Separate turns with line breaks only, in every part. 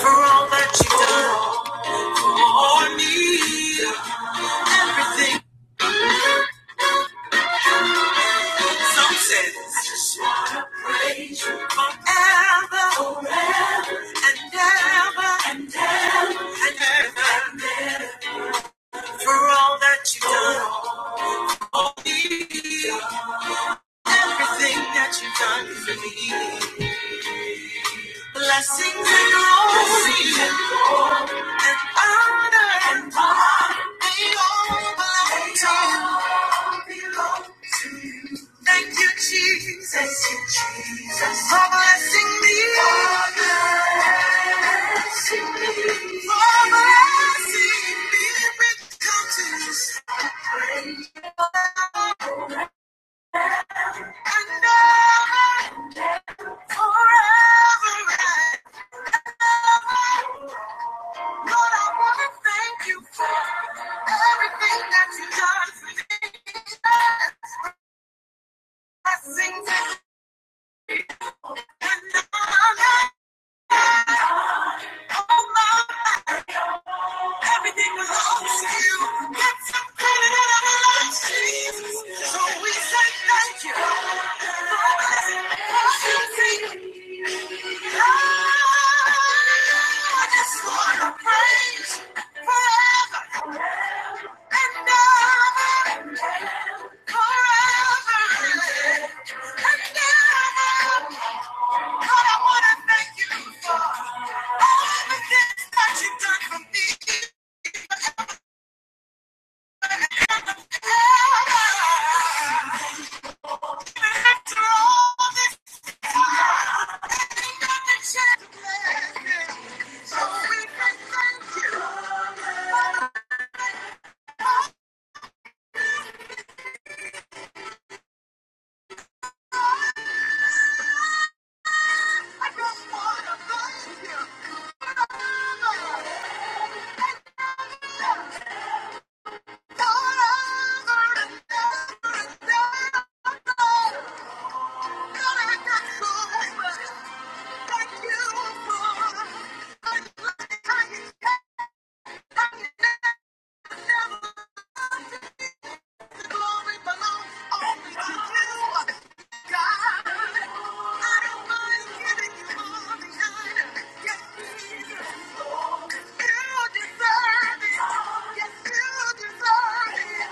for all that you've done for me. Everything some said. I just want to praise you forever, forever, and ever, and ever, and ever, and ever. for all that you've done for me. Everything that you've done for me. Blessings and glory and honor and honor, they all belong to you. belong to you. Thank you, Jesus. Thank you, Jesus. For blessing me. For blessing me. For blessing me with riches and honor forever. Lord, I want to thank you for everything that you've done for me. Blessings and honor. Oh, my. Everything was lost to you. Got some coming out of our lives, Jesus. So we say thank you. I just want to praise forever and ever, forever and ever. God, I want to thank you for all the things that you've done for me. Thank you. Glory belongs only to you, God. I don't mind giving you all the honor. Yes, Jesus. You deserve it. Yes, you deserve it.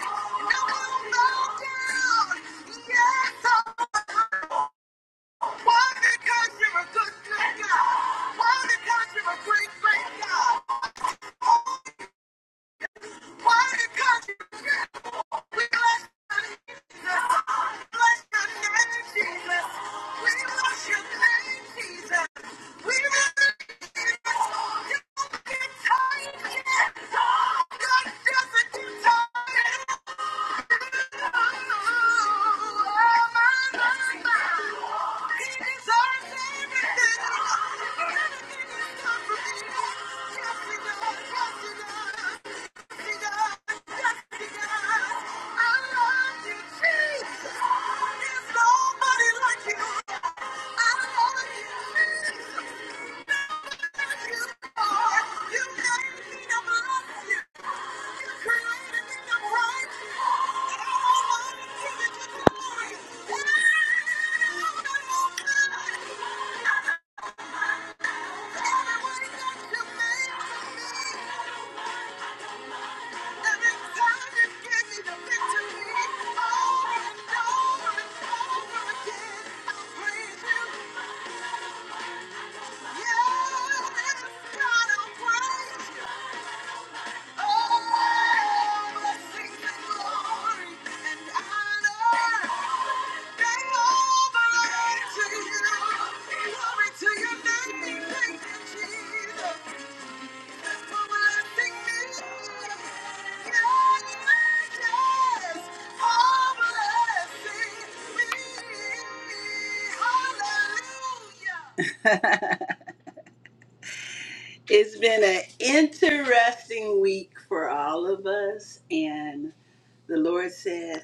No one bow down. Yes, oh, why? Because you're a good, good God. Why? Because you're a great, great God. Thank you. Jesus. Yeah. It's been an interesting week for all of us, and the Lord said,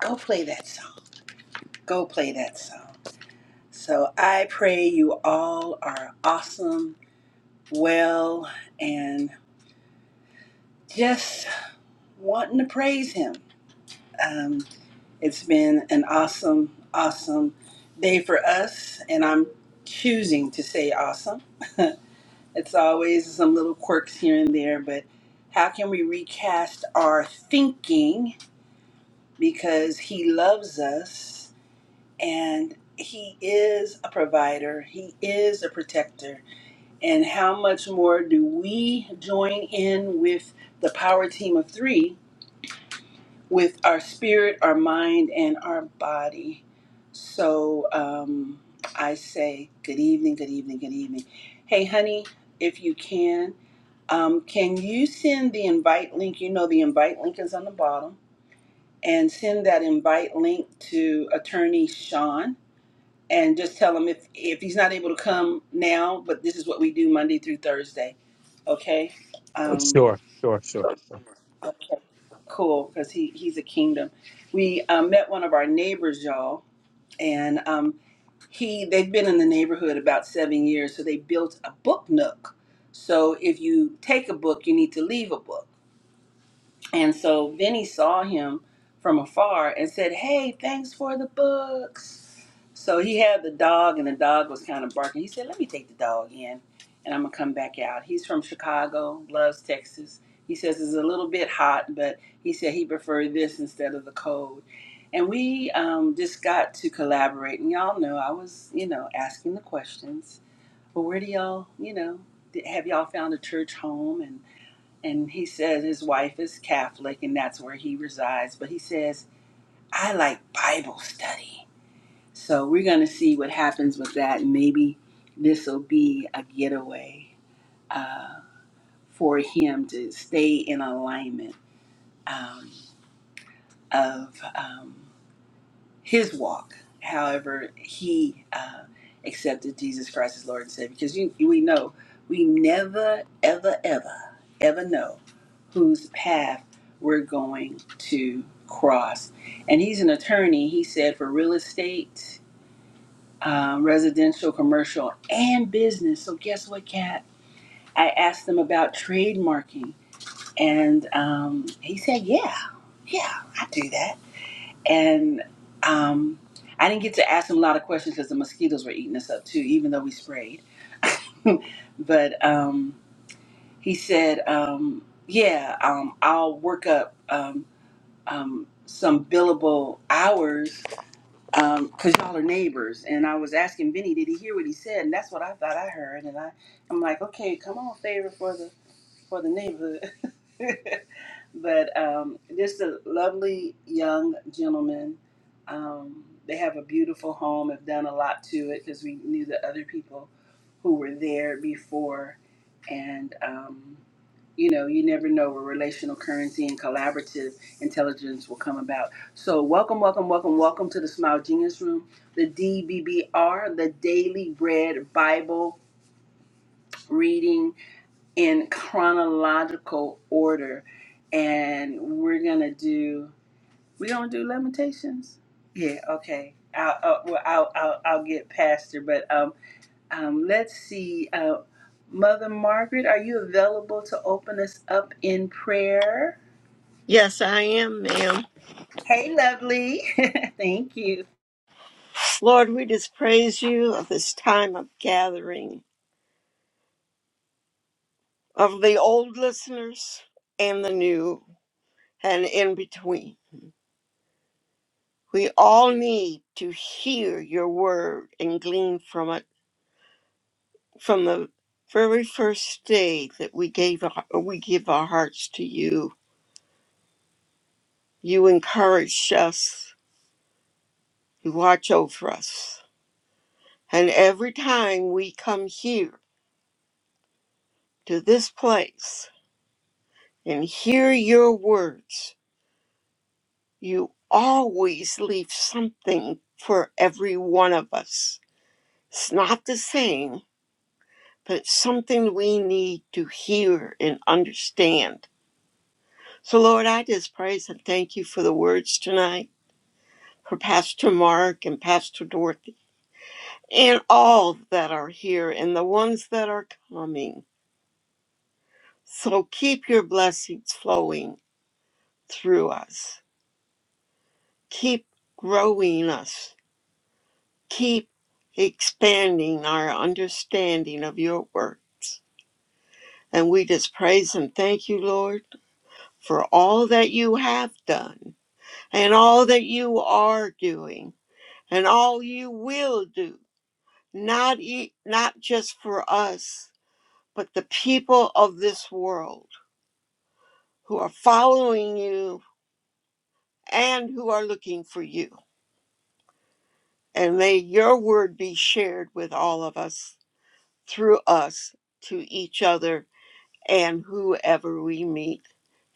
Go play that song. Go play that song. So I pray you all are awesome, well, and just wanting to praise Him. Um, it's been an awesome, awesome day for us, and I'm choosing to say awesome. It's always some little quirks here and there, but how can we recast our thinking because He loves us? and he is a provider he is a protector and how much more do we join in with the power team of three with our spirit our mind and our body so um, i say good evening good evening good evening hey honey if you can um, can you send the invite link you know the invite link is on the bottom and send that invite link to attorney sean and just tell him if if he's not able to come now, but this is what we do Monday through Thursday. Okay.
Uh,
Um,
Sure, sure, sure.
okay. Cool, because he he's a kingdom. We uh, met one of our neighbors, y'all, and um, he they've been in the neighborhood about seven years, so they built a book nook. So if you take a book, you need to leave a book. And so Vinny saw him from afar and said, Hey, thanks for the books. So he had the dog, and the dog was kind of barking. He said, Let me take the dog in, and I'm going to come back out. He's from Chicago, loves Texas. He says it's a little bit hot, but he said he preferred this instead of the cold. And we um, just got to collaborate. And y'all know I was, you know, asking the questions. Well, where do y'all, you know, have y'all found a church home? and? and he says his wife is Catholic and that's where he resides. But he says, I like Bible study. So we're going to see what happens with that. Maybe this will be a getaway uh, for him to stay in alignment um, of. um, his walk. However, he uh, accepted Jesus Christ as Lord and Savior because you, we know we never, ever, ever, ever know whose path we're going to cross. And he's an attorney, he said, for real estate, um, residential, commercial, and business. So, guess what, Kat? I asked him about trademarking, and um, he said, Yeah, yeah, I do that and um, I didn't get to ask him a lot of questions because the mosquitoes were eating us up too, even though we sprayed. but um, he said, um, "Yeah, um, I'll work up um, um, some billable hours because 'cause y'all are neighbors." And I was asking Vinny, "Did he hear what he said?" And that's what I thought I heard. And I, I'm like, "Okay, come on, favor for the." for the neighborhood. but um, just a lovely young gentleman. Um, they have a beautiful home. Have done a lot to it because we knew the other people who were there before, and um, you know, you never know where relational currency and collaborative intelligence will come about. So, welcome, welcome, welcome, welcome to the Smile Genius Room, the DBBR, the Daily Bread Bible Reading in chronological order and we're gonna do we gonna do lamentations yeah okay i'll i'll well, I'll, I'll, I'll get past her but um um let's see uh mother margaret are you available to open us up in prayer
Yes, I am, ma'am.
hey lovely thank you
Lord, we just praise you of this time of gathering of the old listeners and the new and in between. We all need to hear your word and glean from it from the very first day that we gave our, we give our hearts to you. You encourage us, you watch over us. And every time we come here to this place and hear your words, You always leave something for every one of us. It's not the same, but it's something we need to hear and understand. So, Lord, I just praise and thank you for the words tonight, for Pastor Mark and Pastor Dorothy, and all that are here and the ones that are coming. So, keep your blessings flowing through us. Keep growing us Keep expanding our understanding of your works. And we just praise and thank you, Lord, for all that you have done and all that you are doing and all you will do, not, e- not just for us, but the people of this world who are following you and who are looking for you. And may your word be shared with all of us, through us, to each other and whoever we meet.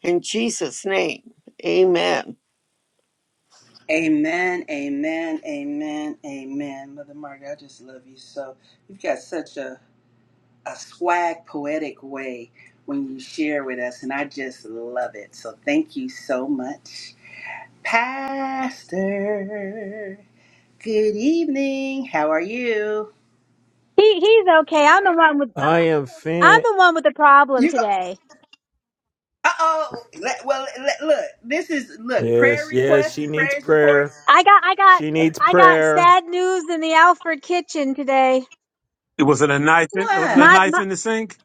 In Jesus' name, amen.
amen amen amen amen mother margaret i just love you so you've got such a a swag poetic way when you share with us and I just love it. So thank you so much. Pastor, good evening. How are you?
He he's okay. I'm the one with
I am
I'm
fin.
the one with the problem
You go-
today.
Uh-oh. Let- well, let- look. This is look, prayer
Yes, yes,
requests
she
and
needs
praise
prayer.
reports.
I got I got
She needs
I got
prayer.
sad news in the Alfred kitchen today.
It Was it a knife? In, was it a
My,
What?
knife
my
in the sink?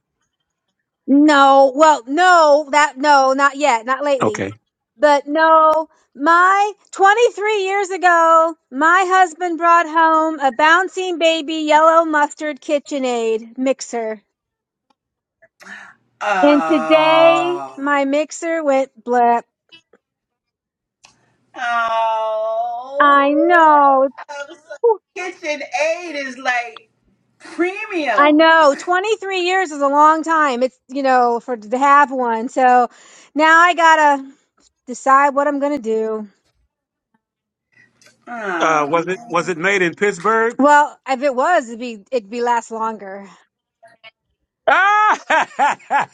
no, well, no, that no, not yet, not lately.
Okay.
But no, my 23 years ago, my husband brought home a bouncing baby yellow mustard KitchenAid mixer. And today
Oh.
my mixer went blip.
Oh.
I know.
I'm so- Kitchen aid is like
I
premium.
know 23 years is a long time. It's, you know, for to have one. So now I gotta decide what I'm gonna do.
Uh, was
Oh,
it was it made in Pittsburgh?
Well, if it was, it'd be, it'd be last longer.
Ah!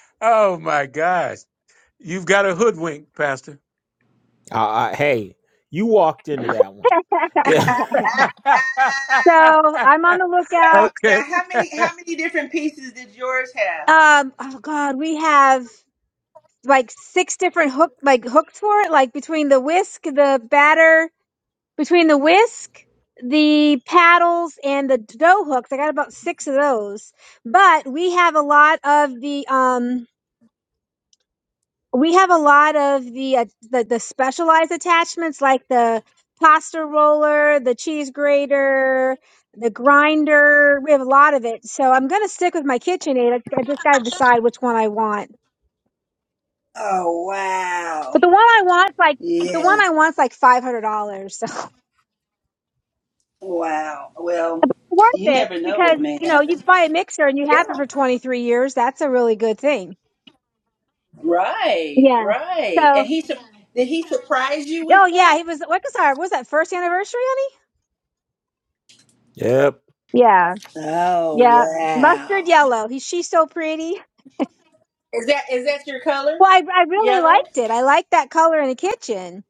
oh my gosh. You've got a hoodwink, Pastor.
Uh, uh, hey, you walked into that one.
so
Yeah.
wow.
I'm on the lookout.
Now,
okay,
how many how many different pieces did yours have?
Um, oh God, we have like six different hook, like hooks for it, like between the whisk, the batter, between the whisk, the paddles and the dough hooks. I got about six of those, but we have a lot of the, um, we have a lot of the uh, the, the specialized attachments like the pasta roller, the cheese grater, the grinder. We have a lot of it. So I'm going to stick with my KitchenAid. I, I just got to decide which one I want.
Oh wow.
But the one I want's like the
Yeah.
one I want's like $500. So
Wow. Well,
worth
you
it
never know
because,
what may
you know, you
happen.
buy a mixer and you
Yeah.
have it for 23 years. That's a really good thing.
Right.
Yeah.
Right.
So,
And he sur- did he surprise you
oh
with
yeah, he
that?
was what was our what was that first anniversary, honey?
Yep.
Yeah.
Oh
Yeah, mustard
wow.
yellow. He's she's so pretty.
Is that is that your color?
Well, I I really
Yellow.
liked it. I liked that color in the kitchen,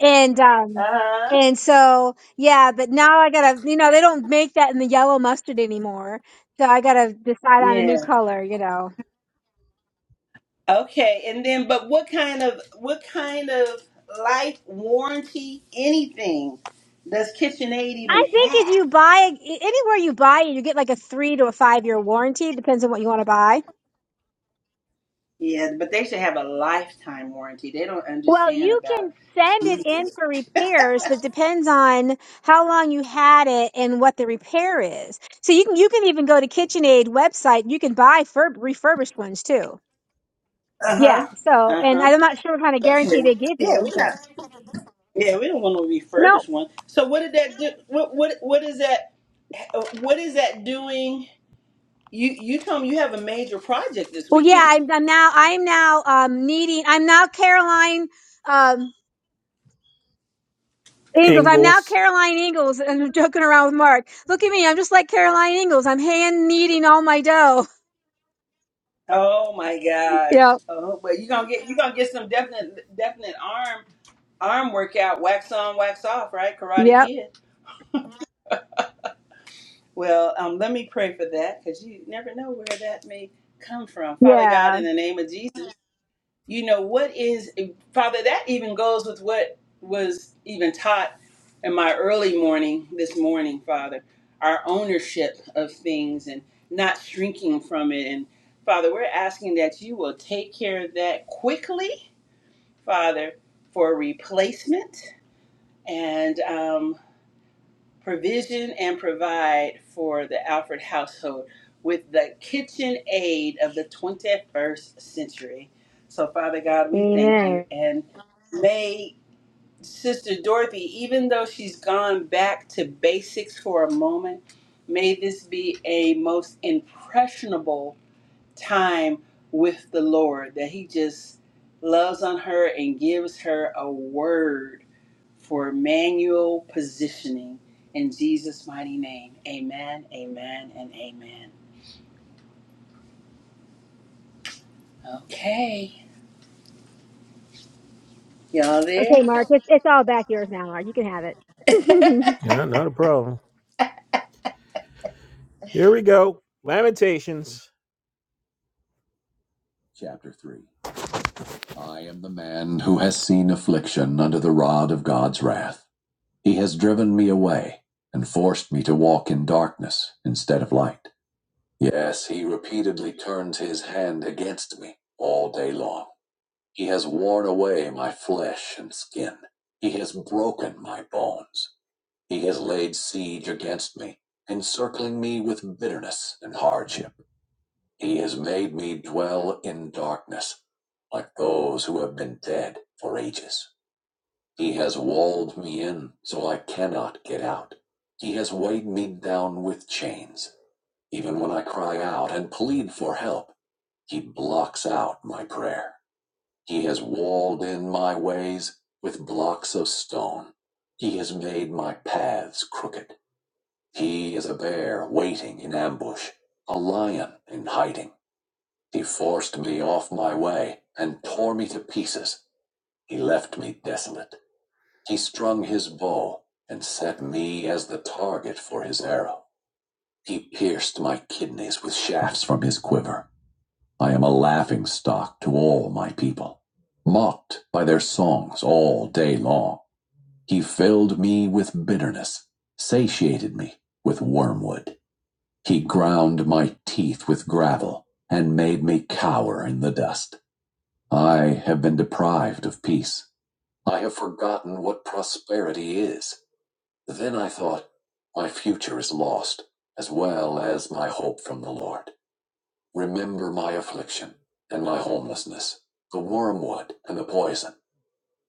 and um
Uh huh.
and so yeah. But now I gotta you know they don't make that in the yellow mustard anymore, so I gotta decide on a
Yeah.
new color. You know.
Okay, and then but what kind of what kind of life warranty anything does KitchenAid even
I think if you
have?
buy anywhere you buy it, you get like a three to a five year warranty. Depends on what you want to buy.
Yeah, but they should have a lifetime warranty. They don't
Well,
understand
you
about
can send it in for repairs, but depends on how long you had it and what the repair is. So you can you can even go to KitchenAid website. You can buy fur- refurbished ones too.
Uh
Yeah.
huh.
So,
Uh
and
huh.
I'm not sure what kind of guarantee
Okay,
they give
Yeah,
you,
we're not.
but
Yeah, we don't want to
no.
refurbish one. So what did that do? What what what is that? What is that doing? You you told me you have a major project this
Well, yeah,
weekend.
I'm, I'm now I'm now um, needing. I'm now Caroline um, Ingalls. I'm now
Angles.
Caroline Ingalls, and I'm joking around with Mark. Look at me. I'm just like Caroline Ingalls. I'm hand kneading all my dough.
Oh my gosh.
Yep.
Oh, but you gonna get you gonna get some definite definite arm arm workout, wax on, wax off, right? Karate
Yep.
Kid. Well, um, let me pray for that because you never know where that may come from. Father God,
Yeah.
in the name of Jesus, you know what is Father. That even goes with what was even taught in my early morning this morning, Father. Our ownership of things and not shrinking from it, and Father, we're asking that you will take care of that quickly Father, for replacement and um, provision and provide for the Alfred household with the kitchen aid of the 21st century. So, Father God, we thank you.
Amen.
And may Sister Dorothy, even though she's gone back to basics for a moment, may this be a most impressionable time with the Lord, that He just loves on her and gives her a word for manual positioning in Jesus' mighty name. Amen, amen, and amen. Okay, y'all
Okay,
there?
Mark, it's, it's all back yours now, Mark. You can have it.
Yeah, not a problem. Here we go. Lamentations. Chapter 3. I am the man who has seen affliction under the rod of God's wrath. He has driven me away and forced me to walk in darkness instead of light. Yes, he repeatedly turns his hand against me all day long. He has worn away my flesh and skin. He has broken my bones. He has laid siege against me, encircling me with bitterness and hardship. He has made me dwell in darkness, like those who have been dead for ages. He has walled me in so I cannot get out. He has weighed me down with chains. Even when I cry out and plead for help, he blocks out my prayer. He has walled in my ways with blocks of stone. He has made my paths crooked. He is a bear waiting in ambush, a lion in hiding. He forced me off my way and tore me to pieces. He left me desolate. He strung his bow and set me as the target for his arrow. He pierced my kidneys with shafts from his quiver. I am a laughing stock to all my people, mocked by their songs all day long. He filled me with bitterness, satiated me with wormwood. He ground my teeth with gravel and made me cower in the dust. I have been deprived of peace. I have forgotten what prosperity is. Then I thought, my future is lost, as well as my hope from the Lord. Remember my affliction and my homelessness, the wormwood and the poison.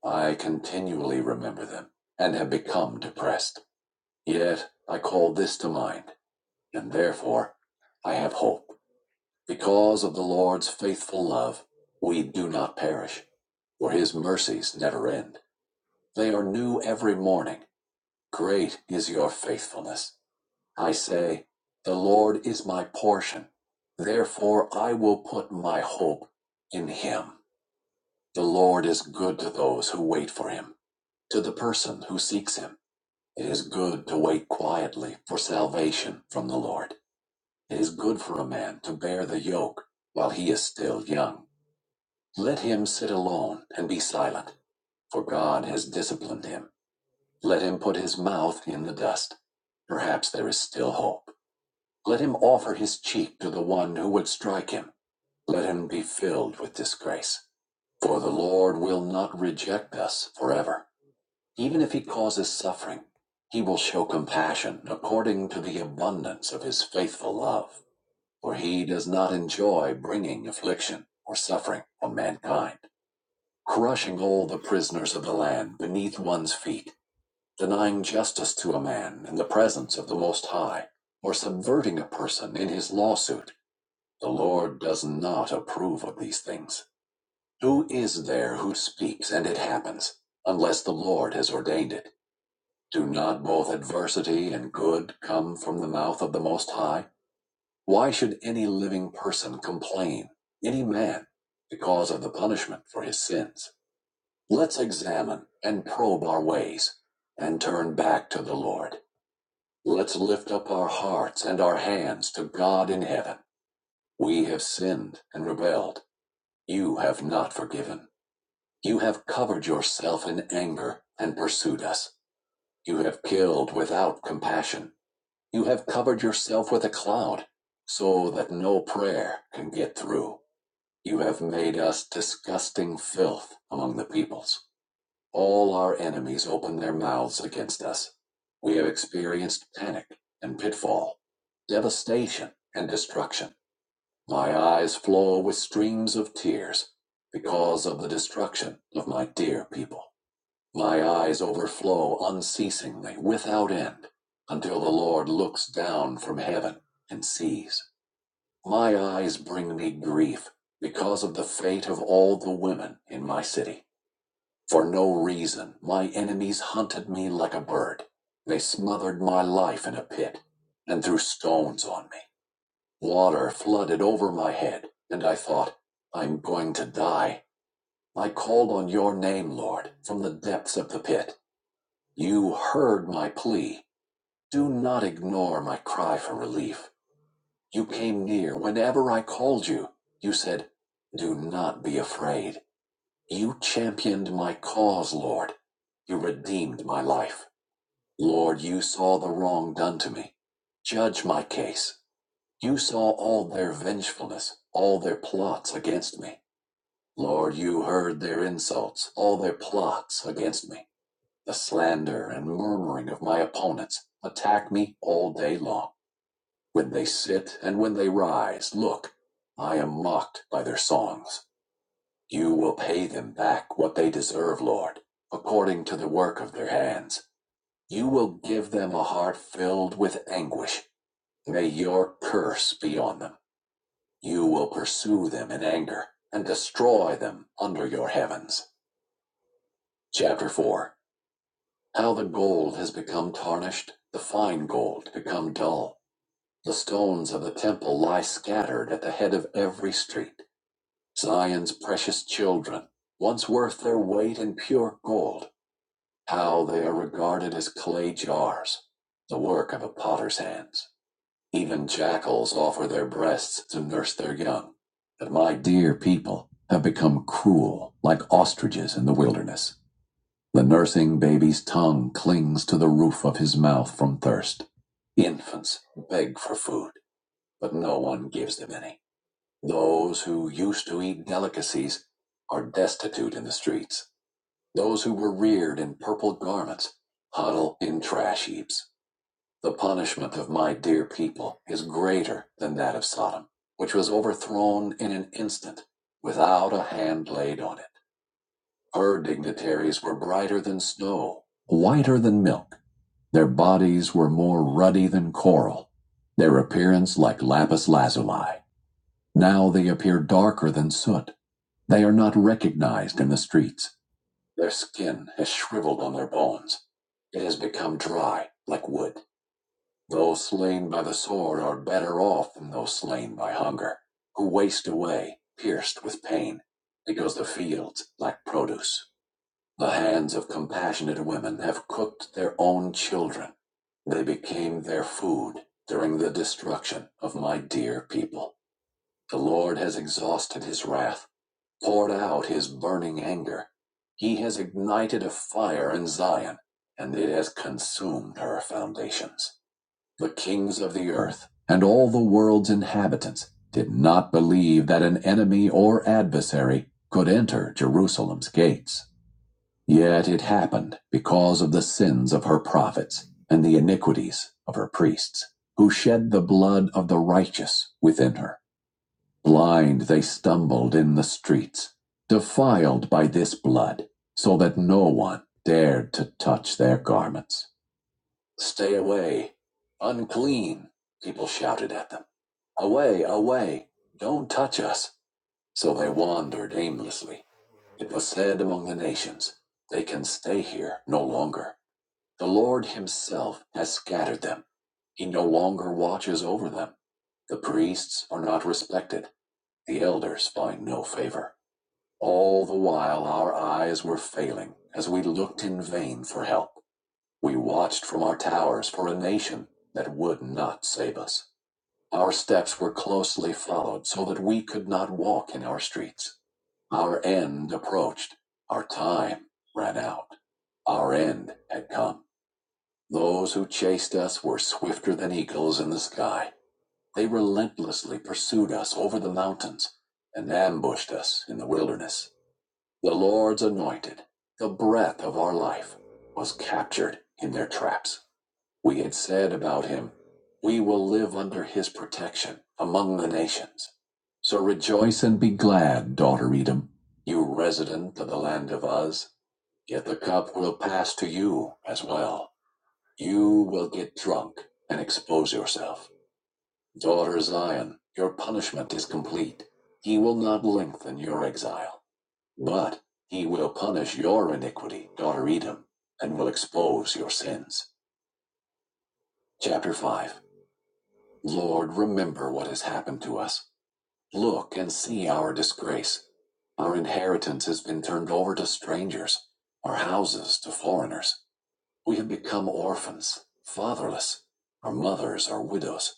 I continually remember them and have become depressed. Yet I call this to mind, and therefore I have hope. Because of the Lord's faithful love, we do not perish, for his mercies never end. They are new every morning. Great is your faithfulness. I say, The Lord is my portion. Therefore, I will put my hope in him. The Lord is good to those who wait for him, to the person who seeks him. It is good to wait quietly for salvation from the Lord. It is good for a man to bear the yoke while he is still young. Let him sit alone and be silent, for God has disciplined him. Let him put his mouth in the dust. Perhaps there is still hope. Let him offer his cheek to the one who would strike him. Let him be filled with disgrace. For the Lord will not reject us forever. Even if he causes suffering, he will show compassion according to the abundance of his faithful love. For he does not enjoy bringing affliction or suffering on mankind, crushing all the prisoners of the land beneath one's feet, denying justice to a man in the presence of the Most High, or subverting a person in his lawsuit the Lord does not approve of these things. Who is there who speaks and it happens, unless the Lord has ordained it? Do not both adversity and good come from the mouth of the Most High? Why should any living person complain, any man, because of the punishment for his sins? Let's examine and probe our ways and turn back to the Lord. Let's lift up our hearts and our hands to God in heaven. We have sinned and rebelled. You have not forgiven. You have covered yourself in anger and pursued us. You have killed without compassion. You have covered yourself with a cloud so that no prayer can get through. You have made us disgusting filth among the peoples. All our enemies open their mouths against us. We have experienced panic and pitfall, devastation and destruction. My eyes flow with streams of tears because of the destruction of my dear people. My eyes overflow unceasingly, without end, until the Lord looks down from heaven and sees. My eyes bring me grief because of the fate of all the women in my city. For no reason, my enemies hunted me like a bird. They smothered my life in a pit and threw stones on me. Water flooded over my head, and I thought, I'm going to die. I called on your name, Lord, from the depths of the pit. You heard my plea. Do not ignore my cry for relief. You came near whenever I called you. You said, Do not be afraid. You championed my cause, Lord. You redeemed my life. Lord, you saw the wrong done to me. Judge my case. You saw all their vengefulness, all their plots against me. Lord, you heard their insults, all their plots against me. The slander and murmuring of my opponents attack me all day long. When they sit and when they rise, look, I am mocked by their songs. You will pay them back what they deserve, Lord, according to the work of their hands. You will give them a heart filled with anguish. May your curse be on them. You will pursue them in anger and destroy them under your heavens. Chapter 4 How the gold has become tarnished, the fine gold become dull. The stones of the temple lie scattered at the head of every street. Zion's precious children, once worth their weight in pure gold, how they are regarded as clay jars, the work of a potter's hands. Even jackals offer their breasts to nurse their young. But my dear people have become cruel, like ostriches in the wilderness. The nursing baby's tongue clings to the roof of his mouth from thirst. Infants beg for food, but no one gives them any. Those who used to eat delicacies are destitute in the streets. Those who were reared in purple garments huddle in trash heaps. The punishment of my dear people is greater than that of Sodom, which was overthrown in an instant, without a hand laid on it. Her dignitaries were brighter than snow, whiter than milk. Their bodies were more ruddy than coral, their appearance like lapis lazuli. Now they appear darker than soot. They are not recognized in the streets. Their skin has shriveled on their bones. It has become dry like wood. Those slain by the sword are better off than those slain by hunger, who waste away, pierced with pain, because the fields lack produce. The hands of compassionate women have cooked their own children. They became their food during the destruction of my dear people. The Lord has exhausted his wrath, poured out his burning anger. He has ignited a fire in Zion, and it has consumed her foundations. The kings of the earth and all the world's inhabitants did not believe that an enemy or adversary could enter Jerusalem's gates. Yet it happened because of the sins of her prophets and the iniquities of her priests, who shed the blood of the righteous within her. Blind they stumbled in the streets, defiled by this blood, so that no one dared to touch their garments. Stay away. Unclean, people shouted at them. Away, away. Don't touch us. So they wandered aimlessly. It was said among the nations, They can stay here no longer. The Lord Himself has scattered them. He no longer watches over them. The priests are not respected. The elders find no favor. All the while, our eyes were failing as we looked in vain for help. We watched from our towers for a nation that would not save us. Our steps were closely followed so that we could not walk in our streets. Our end approached. Our time ran out. Our end had come. Those who chased us were swifter than eagles in the sky. They relentlessly pursued us over the mountains and ambushed us in the wilderness. The Lord's anointed, the breath of our life, was captured in their traps. We had said about him, We will live under his protection among the nations. So rejoice and be glad, daughter Edom, you resident of the land of Uz. Yet the cup will pass to you as well. You will get drunk and expose yourself. Daughter Zion, your punishment is complete. He will not lengthen your exile, but he will punish your iniquity, daughter Edom, and will expose your sins. Chapter 5 Lord, remember what has happened to us. Look and see our disgrace. Our inheritance has been turned over to strangers, our houses to foreigners. We have become orphans, fatherless. Our mothers are widows.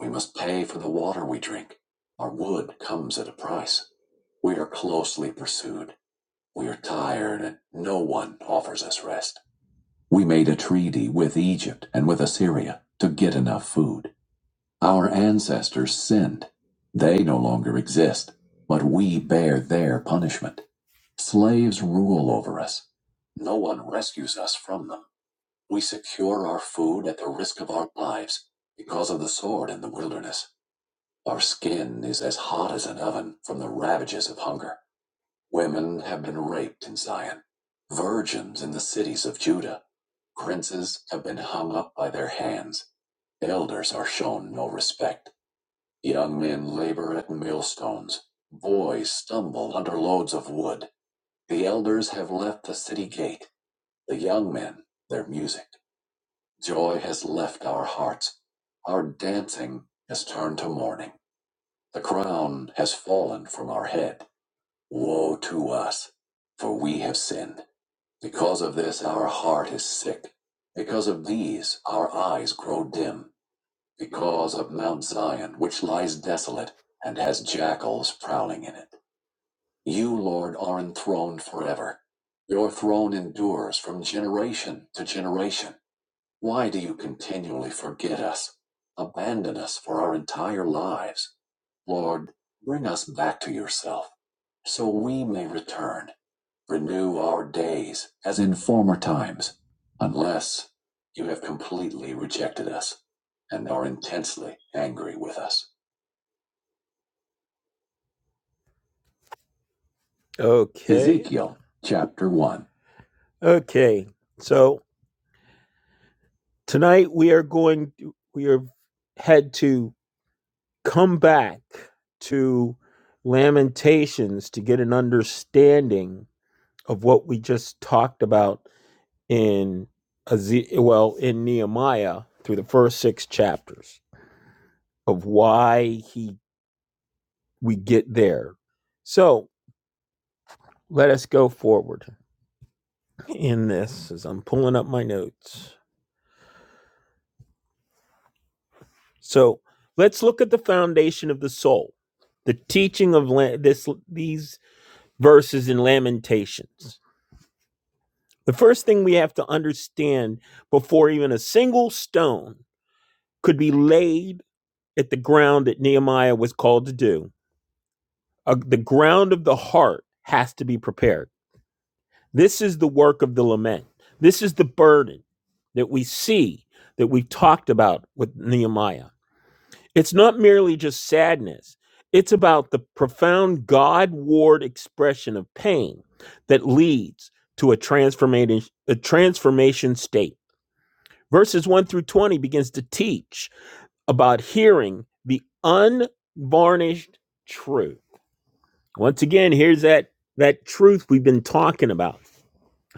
We must pay for the water we drink. Our wood comes at a price. We are closely pursued. We are tired, and no one offers us rest. We made a treaty with Egypt and with Assyria to get enough food. Our ancestors sinned. They no longer exist, but we bear their punishment. Slaves rule over us. No one rescues us from them. We secure our food at the risk of our lives because of the sword in the wilderness. Our skin is as hot as an oven from the ravages of hunger. Women have been raped in Zion, virgins in the cities of Judah. Princes have been hung up by their hands. Elders are shown no respect. Young men labor at millstones. Boys stumble under loads of wood. The elders have left the city gate. The young men, their music. Joy has left our hearts. Our dancing has turned to mourning. The crown has fallen from our head. Woe to us, for we have sinned. Because of this, our heart is sick. Because of these, our eyes grow dim because of Mount Zion, which lies desolate and has jackals prowling in it. You, Lord, are enthroned forever. Your throne endures from generation to generation. Why do you continually forget us, abandon us for our entire lives? Lord, bring us back to yourself, so we may return. Renew our days as in former times, unless you have completely rejected us and are intensely angry with us. Okay. Ezekiel chapter 1. Okay. So tonight we are going to, we are had to come back to Lamentations to get an understanding of what we just talked about in well in Nehemiah through the first 6 chapters. of why he we get there. So let us go forward in this as I'm pulling up my notes. So let's look at the foundation of the soul, the teaching of La- this these verses in Lamentations. The first thing we have to understand before even a single stone could be laid at the ground that Nehemiah was called to do, uh, the ground of the heart has to be prepared This is the work of the lament. This is the burden that we see that we've talked about with Nehemiah. It's not merely just sadness, it's about the profound God ward expression of pain that leads to a transformation, a transformation state. Verses 1 through 20 begins to teach about hearing the unvarnished truth. Once again, here's that, that truth we've been talking about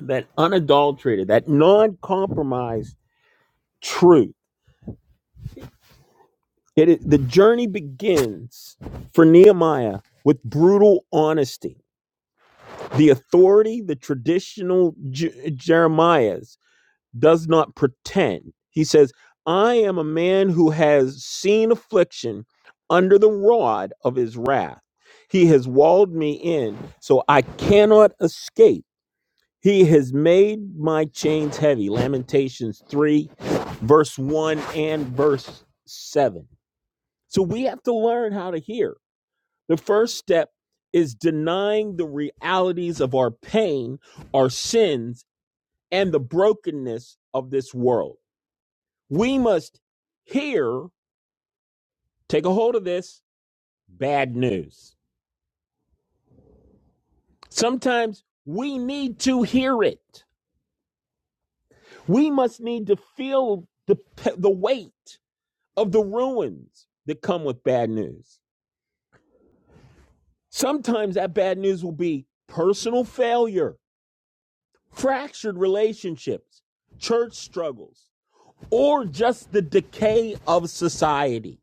that unadulterated, that non-compromised truth. It is, the journey begins for Nehemiah with brutal honesty. The authority, the traditional J- Jeremiah's, does not pretend. He says, "I am a man who has seen affliction under the rod of his wrath. He has walled me in, so I cannot escape." He has made my chains heavy. Lamentations 3, verse 1 and verse 7. So we have to learn how to hear. The first step is denying the realities of our pain, our sins, and the brokenness of this world. We must hear, take a hold of this bad news. Sometimes we need to hear it. We must need to feel the, the weight of the ruins that come with bad news. Sometimes that bad news will be personal failure, fractured relationships, church struggles, or just the decay of society.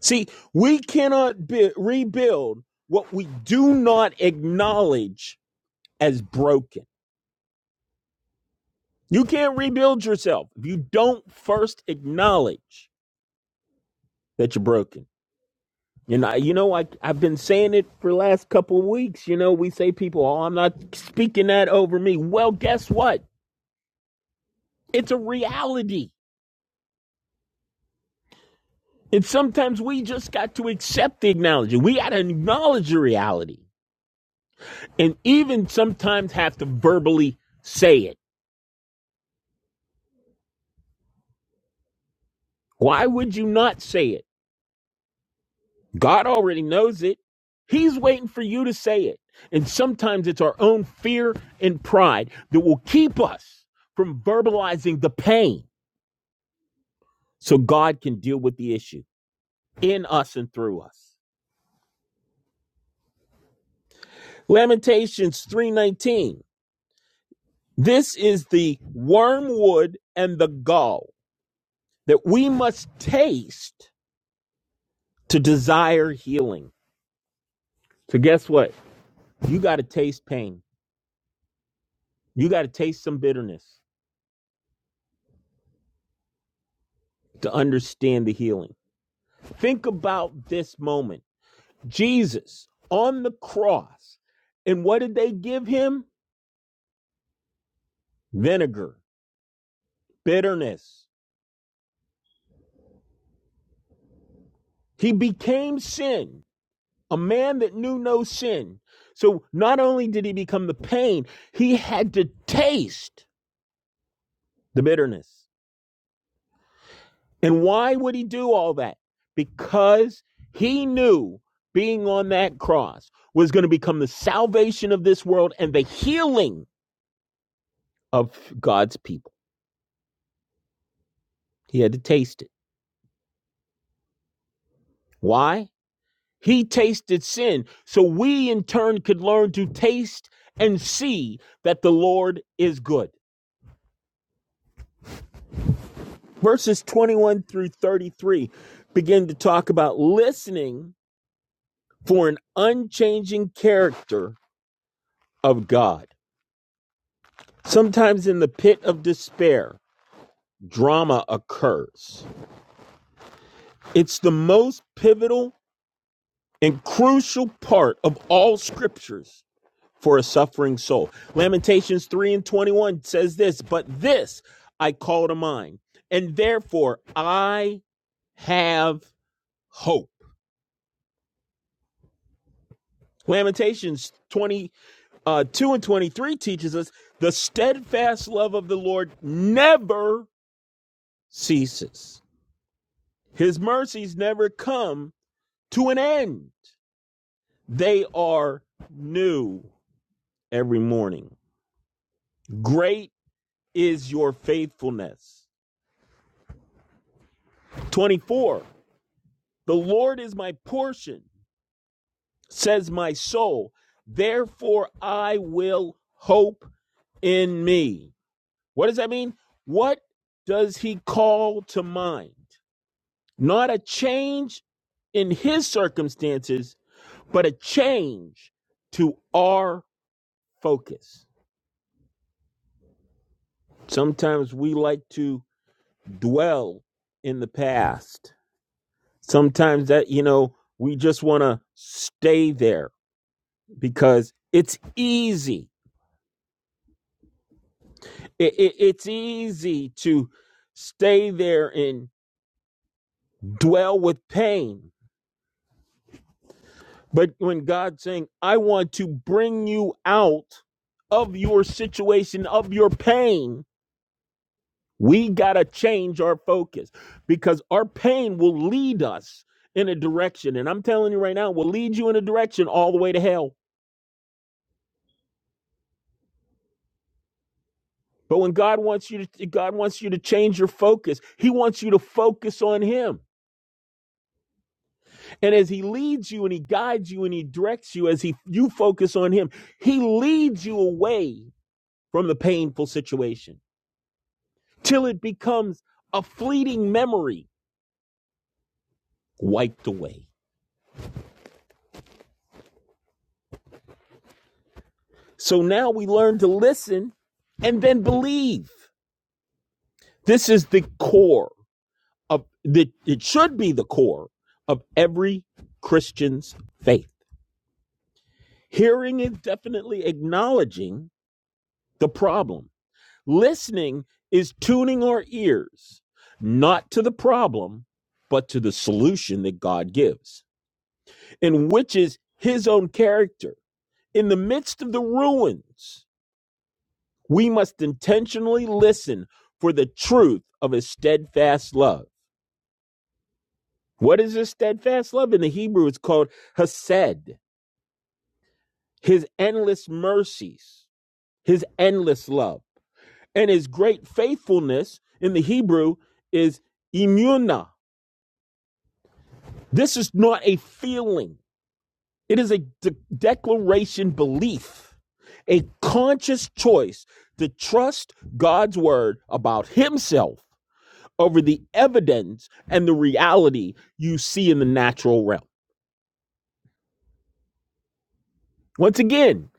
See, we cannot be- rebuild what we do not acknowledge as broken. You can't rebuild yourself if you don't first acknowledge that you're broken. You know, you know, I I've been saying it for the last couple of weeks. You know, we say people, "Oh, I'm not speaking that over me." Well, guess what? It's a reality. And sometimes we just got to accept the acknowledgement. We got to acknowledge the reality, and even sometimes have to verbally say it. Why would you not say it? God already knows it. He's waiting for you to say it. And sometimes it's our own fear and pride that will keep us from verbalizing the pain so God can deal with the issue in us and through us. Lamentations 3:19. This is the wormwood and the gall that we must taste to desire healing. So guess what? You got to taste pain. You got to taste some bitterness to understand the healing. Think about this moment. Jesus on the cross. And what did they give him? Vinegar, bitterness. He became sin a man that knew no sin. So not only did he become the pain, he had to taste the bitterness. And why would he do all that? Because he knew being on that cross was going to become the salvation of this world and the healing of God's people. He had to taste it. Why? He tasted sin so we in turn could learn to taste and see that the Lord is good. verses 21 through 33 begin to talk about listening for an unchanging character of God. Sometimes in the pit of despair, drama occurs. It's the most pivotal and crucial part of all scriptures for a suffering soul. Lamentations 3 and 21 says this, but this I call to mind, and therefore I have hope. Lamentations 20 uh, 2 and 23 teaches us the steadfast love of the Lord never ceases. His mercies never come to an end. They are new every morning. Great is your faithfulness. 24. The Lord is my portion, says my soul. Therefore I will hope in me. What does that mean? What does he call to mind? Not a change in his circumstances, but a change to our focus. Sometimes we like to dwell in the past. Sometimes that, you know, we just want to stay there because it's easy. It, it, it's easy to stay there and dwell with pain But when God's saying, I want to bring you out of your situation, of your pain, we got to change our focus because our pain will lead us in a direction. And I'm telling you right now, will lead you in a direction all the way to hell. But when God wants you to God wants you to change your focus, He wants you to focus on Him. And as He leads you and He guides you and He directs you, as He you focus on Him, He leads you away from the painful situation. till it becomes a fleeting memory wiped away. So now we learn to listen and then believe. This is the core of the it should be the core of every Christian's faith. Hearing is definitely acknowledging the problem. Listening is tuning our ears not to the problem but to the solution that God gives in which is his own character. In the midst of the ruins, we must intentionally listen for the truth of his steadfast love. What is his steadfast love? In the Hebrew, it's called Hesed, his endless mercies, his endless love. And his great faithfulness in the Hebrew is Imuna. This is not a feeling. It is a de- declaration belief, a conscious choice to trust God's word about himself over the evidence and the reality you see in the natural realm. Once again,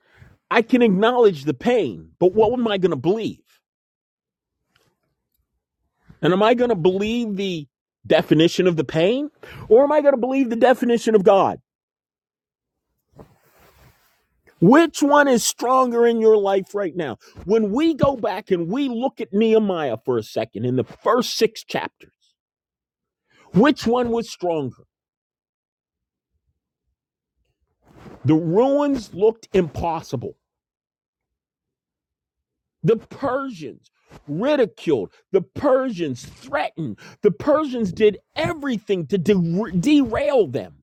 I can acknowledge the pain, but what am I going to believe? And am I going to believe the definition of the pain or am I going to believe the definition of God? Which one is stronger in your life right now? When we go back and we look at Nehemiah for a second in the first six chapters, which one was stronger? The ruins looked impossible. The Persians ridiculed. The Persians threatened. The Persians did everything to de- derail them.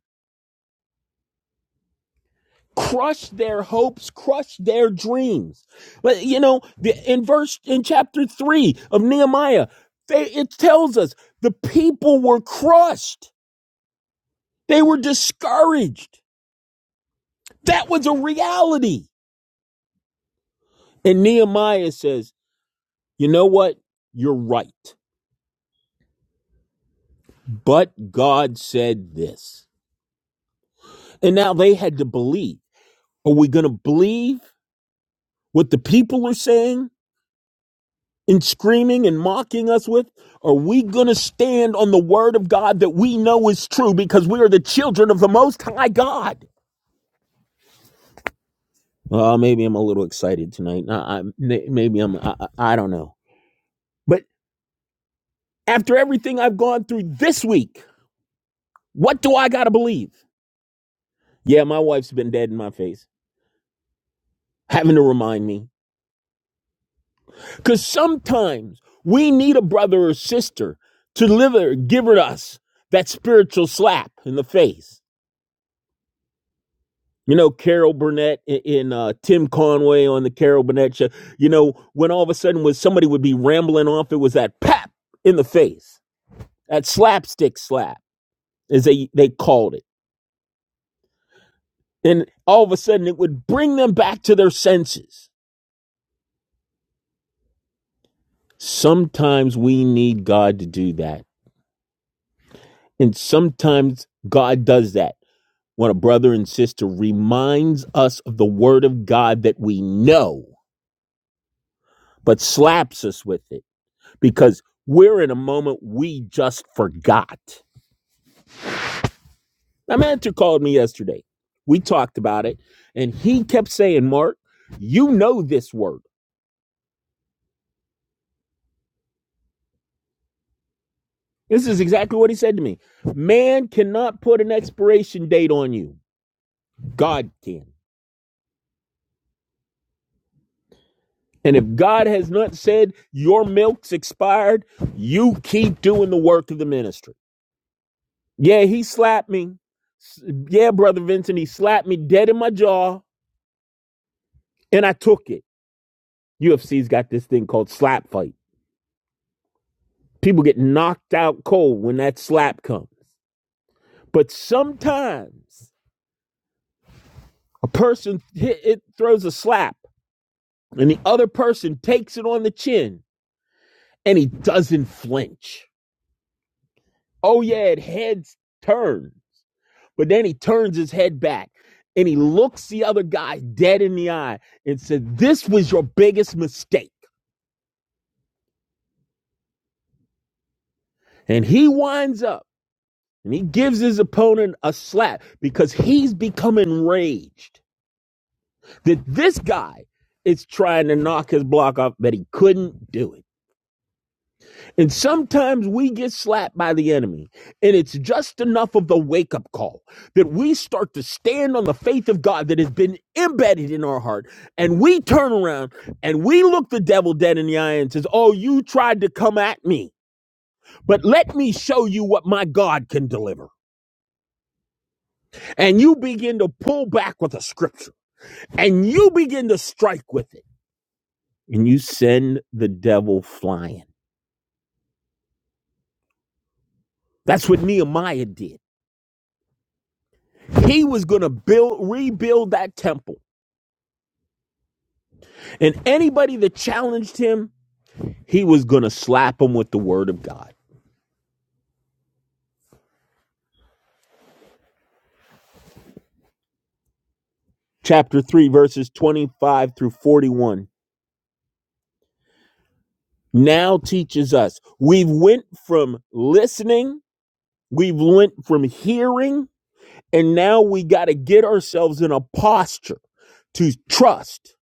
crush their hopes, crush their dreams. But you know, the, in verse in chapter three of Nehemiah, they, it tells us the people were crushed. They were discouraged. That was a reality. And Nehemiah says, "You know what? You're right." But God said this, and now they had to believe. Are we going to believe what the people are saying? and screaming and mocking us with? Are we going to stand on the word of God that we know is true because we are the children of the Most High God? Uh, maybe I'm a little excited tonight. I, I, maybe I'm, I, I I don't know. But after everything I've gone through this week, what do I got to believe? Yeah, my wife's been dead in my face, having to remind me. Because sometimes we need a brother or sister to deliver, give it us that spiritual slap in the face. You know, Carol Burnett i- in uh, Tim Conway on the Carol Burnett show. You know, when all of a sudden when somebody would be rambling off, it was that pap in the face, that slapstick slap, as they, they called it. And all of a sudden it would bring them back to their senses. Sometimes we need God to do that. And sometimes God does that when a brother and sister reminds us of the word of God that we know, but slaps us with it because we're in a moment we just forgot. My mentor called me yesterday. We talked about it, and he kept saying, Mark, you know this word. This is exactly what he said to me. Man cannot put an expiration date on you, God can. And if God has not said your milk's expired, you keep doing the work of the ministry. Yeah, he slapped me. Yeah, Brother Vincent, he slapped me dead in my jaw, and I took it. UFC's got this thing called slap fight. People get knocked out cold when that slap comes. But sometimes a person hit, it throws a slap and the other person takes it on the chin and he doesn't flinch. Oh yeah, it heads turn, but then he turns his head back and he looks the other guy dead in the eye and said, "This was your biggest mistake." And he winds up and he gives his opponent a slap because he's become enraged that this guy is trying to knock his block off, but he couldn't do it. And sometimes we get slapped by the enemy, and it's just enough of the wake up call that we start to stand on the faith of God that has been embedded in our heart. And we turn around and we look the devil dead in the eye and says, Oh, you tried to come at me, but let me show you what my God can deliver. And you begin to pull back with a scripture, and you begin to strike with it and you send the devil flying. That's what Nehemiah did. He was going to build rebuild that temple. And anybody that challenged him, he was going to slap them with the word of God. Chapter 3 verses 25 through 41 now teaches us we've went from listening, we've went from hearing, and now we got to get ourselves in a posture to trust.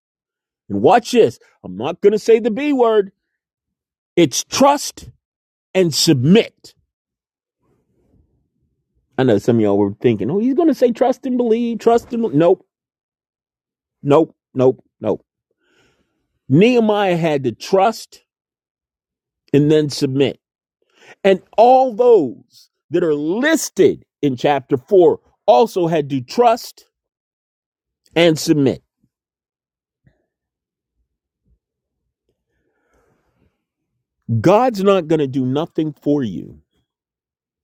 And watch this. I'm not going to say the B word. It's trust and submit. I know some of y'all were thinking, oh, he's going to say trust and believe, trust and believe." nope, nope, nope, nope. Nehemiah had to trust and then submit. And all those that are listed in chapter 4 also had to trust and submit. God's not going to do nothing for you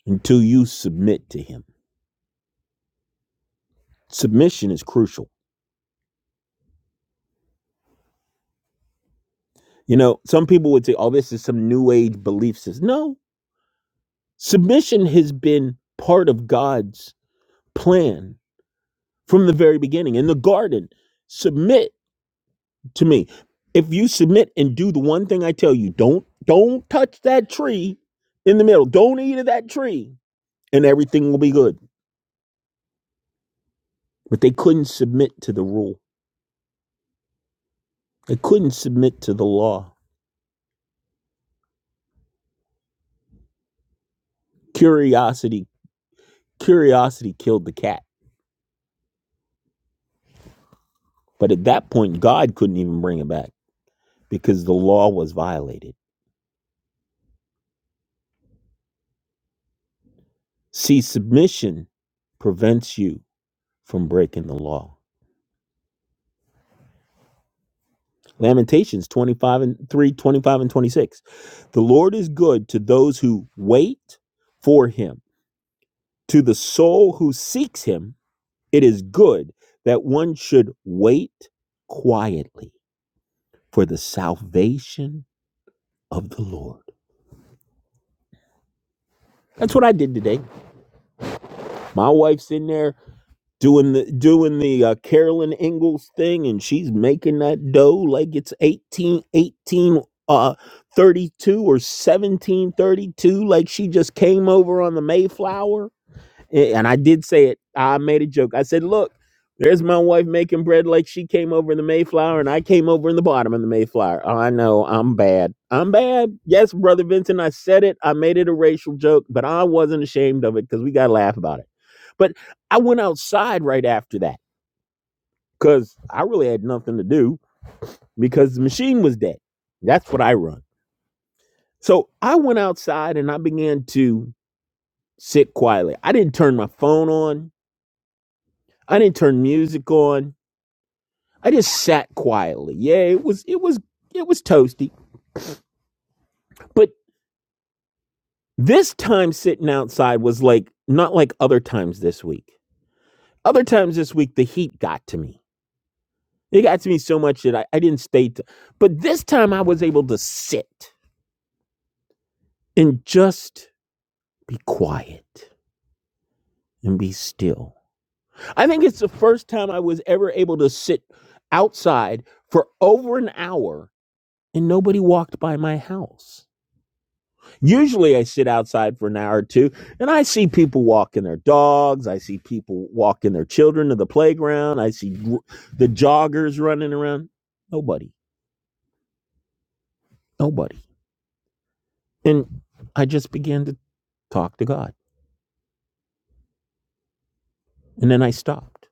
until you submit to him. Submission is crucial. You know, some people would say, oh, this is some new age belief system. No, submission has been part of God's plan from the very beginning in the garden submit to me if you submit and do the one thing i tell you don't don't touch that tree in the middle don't eat of that tree and everything will be good but they couldn't submit to the rule they couldn't submit to the law curiosity curiosity killed the cat but at that point god couldn't even bring it back because the law was violated see submission prevents you from breaking the law Lamentations 25 and 3, 25 and 26. The Lord is good to those who wait for him, to the soul who seeks him. It is good that one should wait quietly for the salvation of the Lord. That's what I did today. My wife's in there doing the doing the uh, Carolyn Ingalls thing, and she's making that dough like it's 18 18 uh, 32 or 1732, like she just came over on the Mayflower. A- And I did say it. I made a joke. I said, look, there's my wife making bread like she came over in the Mayflower and I came over in the bottom of the Mayflower. Oh, I know. I'm bad. I'm bad. Yes, Brother Vincent, I said it. I made it a racial joke, but I wasn't ashamed of it because we got to laugh about it. But I went outside right after that because I really had nothing to do because the machine was dead. That's what I run. So I went outside and I began to sit quietly. I didn't turn my phone on. I didn't turn music on. I just sat quietly. Yeah, it was it was it was toasty. But this time sitting outside was like not like other times this week. Other times this week the heat got to me. It got to me so much that I, I didn't stay t- but this time I was able to sit and just be quiet and be still. I think it's the first time I was ever able to sit outside for over an hour and nobody walked by my house. Usually I sit outside for an hour or two and I see people walking their dogs. I see people walking their children to the playground. I see the joggers running around. Nobody, nobody. And I just began to talk to God. And then I stopped.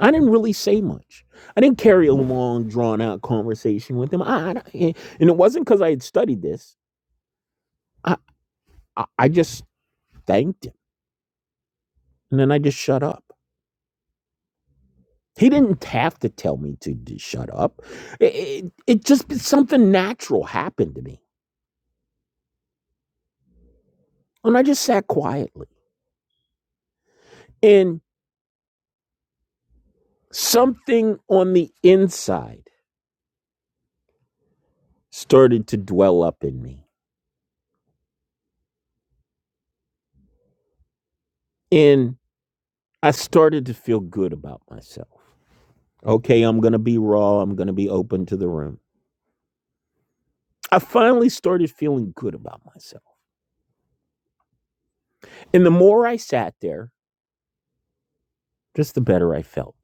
I didn't really say much. I didn't carry a long, drawn out conversation with him. I, I, eh, and it wasn't because I had studied this. I, I, I just thanked him. And then I just shut up. He didn't have to tell me to d- shut up. It, it, it just something natural happened to me. And I just sat quietly. And something on the inside started to dwell up in me. And I started to feel good about myself. Okay, I'm going to be raw. I'm going to be open to the room. I finally started feeling good about myself. And the more I sat there, just the better I felt.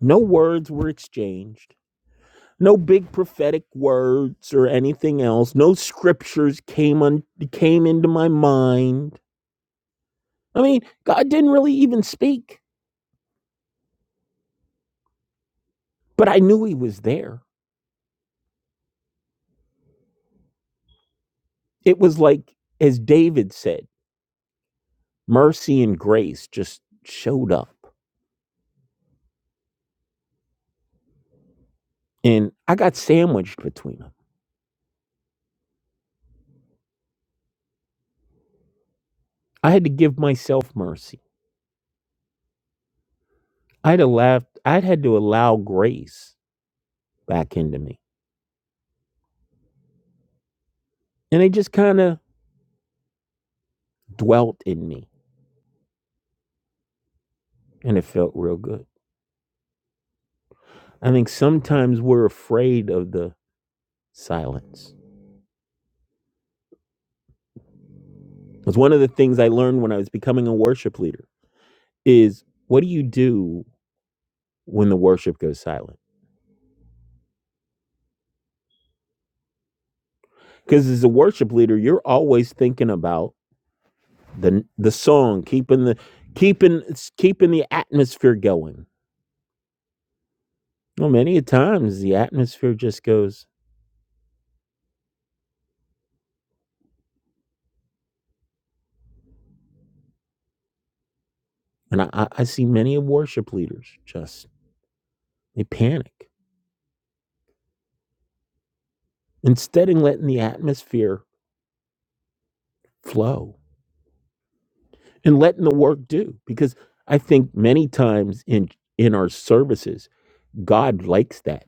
No words were exchanged. No big prophetic words or anything else. No scriptures came on came into my mind. I mean, God didn't really even speak, but I knew he was there. It was like as David said, mercy and grace just showed up. And I got sandwiched between them. I had to give myself mercy. I'd allowed I'd had to allow grace back into me. And it just kind of dwelt in me and it felt real good. I think sometimes we're afraid of the Silence. It's one of the things I learned when I was becoming a worship leader is what do you do when the worship goes silent? Because as a worship leader, you're always thinking about the the song, keeping the keeping keeping the atmosphere going. Well, many times the atmosphere just goes, and I, I I see many of worship leaders just they panic instead of letting the atmosphere flow and letting the work do. Because I think many times in in our services God likes that.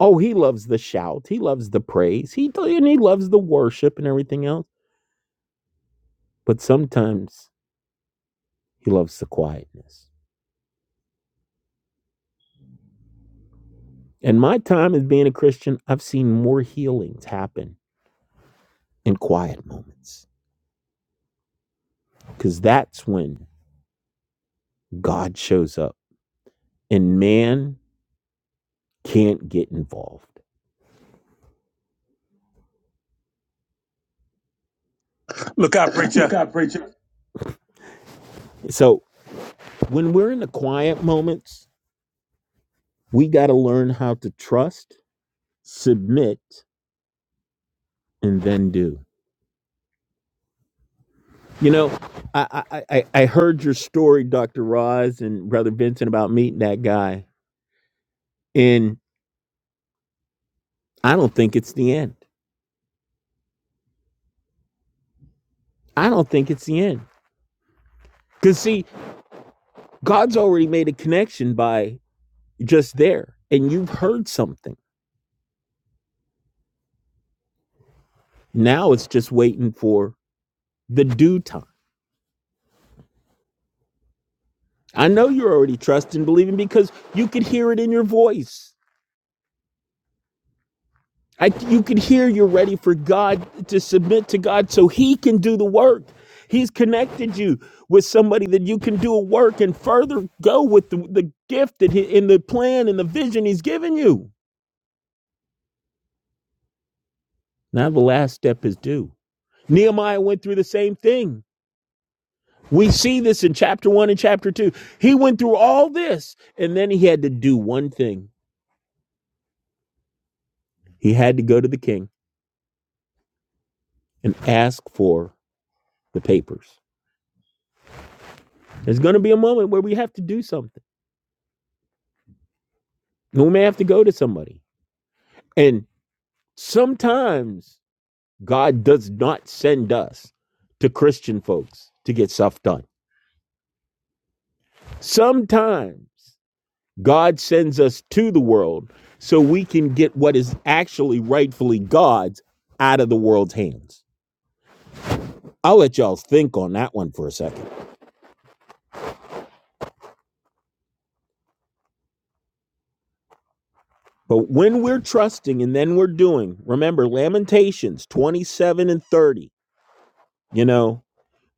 Oh, he loves the shout. He loves the praise. He and he loves the worship and everything else. But sometimes he loves the quietness. And my time as being a Christian, I've seen more healings happen in quiet moments because that's when God shows up and man can't get involved.
look out, preacher.
Look out, preacher. So when we're in the quiet moments, we got to learn how to trust, submit, and then do. You know, I, I, I I heard your story, Dr. Roz and Brother Vincent, about meeting that guy. And I don't think it's the end. I don't think it's the end. Because, see, God's already made a connection by just there, and you've heard something. Now it's just waiting for the due time. I know you're already trusting, believing because you could hear it in your voice. I, you can hear you're ready for God to submit to God so He can do the work. He's connected you with somebody that you can do a work and further go with the, the gift that he, in the plan and the vision He's given you. Now, the last step is do. Nehemiah went through the same thing. We see this in chapter one and chapter two. He went through all this, and then he had to do one thing he had to go to the king and ask for the papers. There's going to be a moment where we have to do something. We may have to go to somebody. And sometimes God does not send us to Christian folks to get stuff done. Sometimes God sends us to the world so we can get what is actually rightfully God's out of the world's hands. I'll let y'all think on that one for a second. But when we're trusting and then we're doing, remember Lamentations 27 and 30, you know,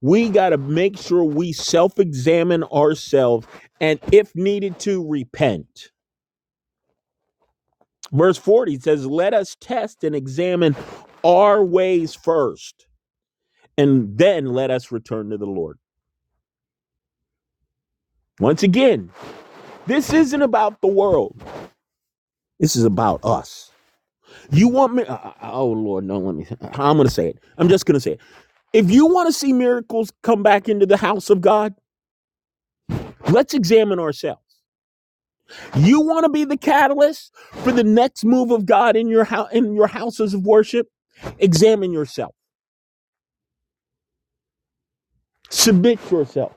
We got to make sure we self examine ourselves and, if needed, to repent. Verse 40 says, Let us test and examine our ways first, and then let us return to the Lord. Once again, this isn't about the world, this is about us. You want me? uh, uh, uh, Oh Lord, no! Let me. uh, I'm gonna say it. I'm just gonna say it. If you want to see miracles come back into the house of God, let's examine ourselves. You want to be the catalyst for the next move of God in your house, in your houses of worship. Examine yourself, submit yourself,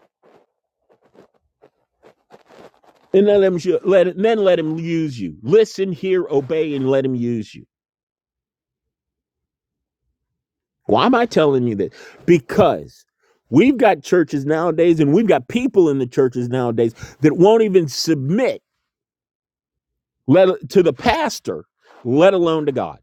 and then let him let then let him use you. Listen, hear, obey, and let him use you. Why am I telling you this? Because we've got churches nowadays, and we've got people in the churches nowadays that won't even submit let, to the pastor, let alone to God.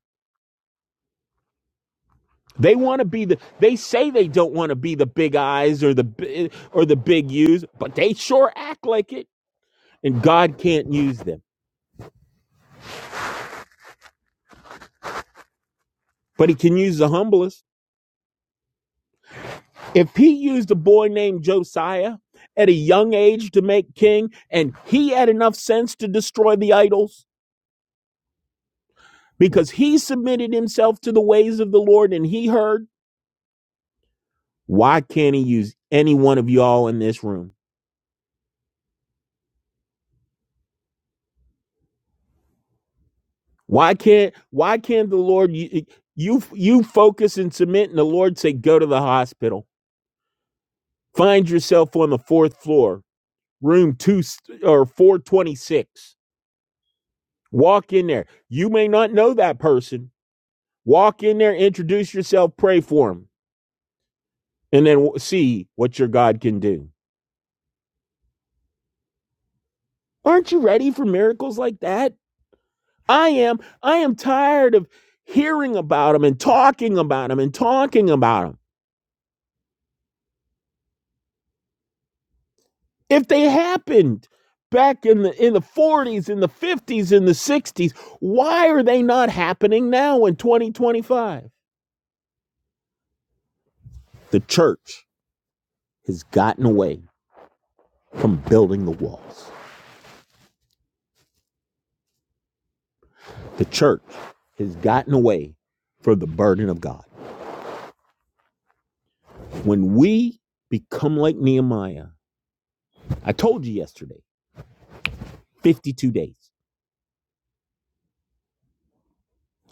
They want to be the. They say they don't want to be the big eyes or the bi- or the big U's, but they sure act like it. And God can't use them, but He can use the humblest. If He used a boy named Josiah at a young age to make king, and he had enough sense to destroy the idols because he submitted himself to the ways of the Lord and he heard, why can't He use any one of y'all in this room? Why can't why can't the Lord you you, you focus and submit and the Lord say go to the hospital. Find yourself on the 4th floor, room 2 or 426. Walk in there. You may not know that person. Walk in there, introduce yourself, pray for him, and then see what your God can do. Aren't you ready for miracles like that? I am. I am tired of hearing about them and talking about them and talking about them. if they happened back in the in the 40s in the 50s in the 60s why are they not happening now in 2025 the church has gotten away from building the walls the church has gotten away from the burden of god when we become like nehemiah i told you yesterday 52 days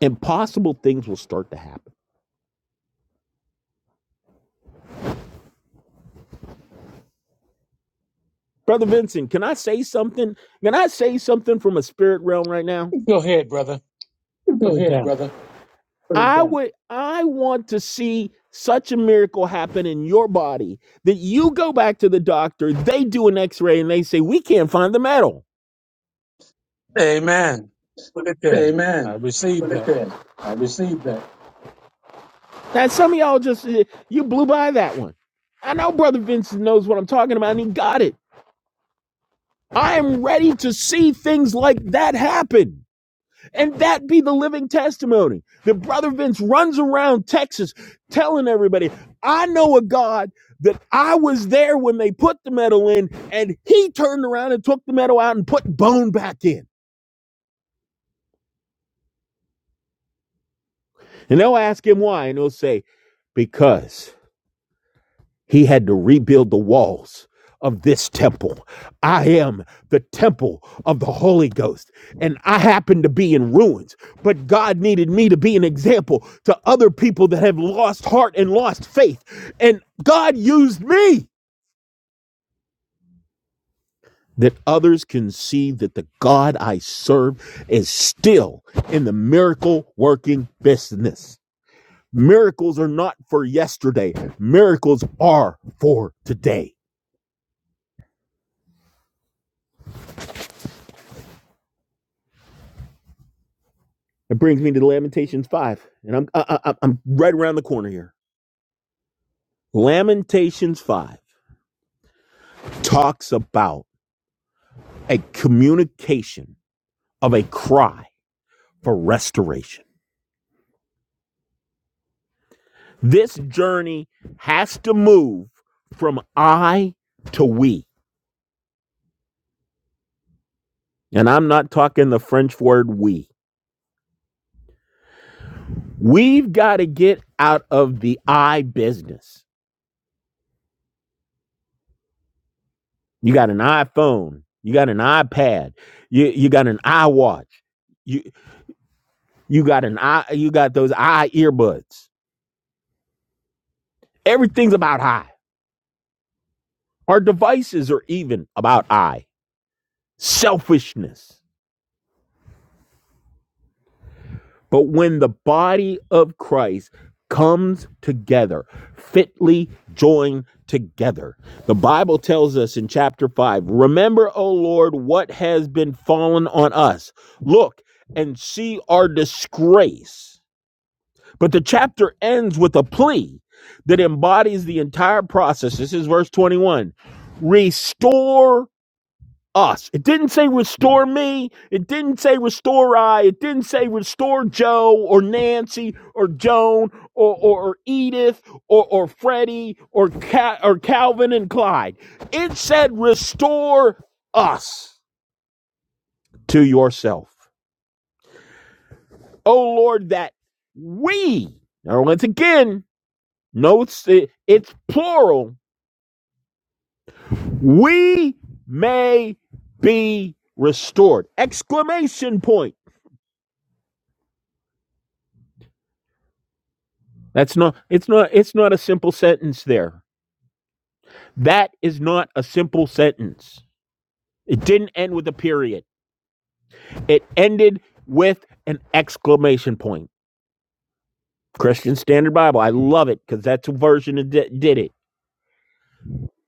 impossible things will start to happen brother vincent can i say something can i say something from a spirit realm right now
Go ahead, brother. Put it down.
I would I want to see such a miracle happen in your body that you go back to the doctor, they do an x-ray and they say, "We can't find the metal."
Amen. Put it down. I
Amen.
received
Put it
that.
there. I received that. Now some of y'all just eh, you blew by that one. I know brother Vincent knows what I'm talking about and he got it. I am ready to see things like that happen. and that be the living testimony. The brother Vince runs around Texas telling everybody, I know a God that I was there when they put the metal in, and he turned around and took the metal out and put bone back in. And they'll ask him why, and he'll say, Because. He had to rebuild the walls of this temple. I am the temple of the Holy Ghost, and I happen to be in ruins. But God needed me to be an example to other people that have lost heart and lost faith. And God used me that others can see that the God I serve is still in the miracle working business. Miracles are not for yesterday, miracles are for today. It brings me to Lamentations 5, and I'm I, I, I'm right around the corner here. Lamentations 5 talks about a communication of a cry for restoration. This journey has to move from I to we. And I'm not talking the French word we. We've got to get out of the I business. You got an iPhone, you got an iPad, you, you got an iWatch you. You got an eye, you got those eye earbuds. Everything's about eye. Our devices are even about eye. Selfishness. But when the body of Christ comes together, fitly joined together. The Bible tells us in chapter 5, remember, O Lord, what has been fallen on us. Look and see our disgrace But the chapter ends with a plea that embodies the entire process. This is verse 21. Restore us. It didn't say restore me. It didn't say restore I. It didn't say restore Joe or Nancy or Joan or, or, or Edith or, or Freddie or, Ca- or Calvin and Clyde. It said restore us to yourself. Oh Lord, that we, now once again, Notes it, it's plural. We may be restored. Exclamation point. That's not it's not it's not a simple sentence there. That is not a simple sentence. It didn't end with a period. It ended with an exclamation point. Christian Standard Bible. I love it because that's a version that did it.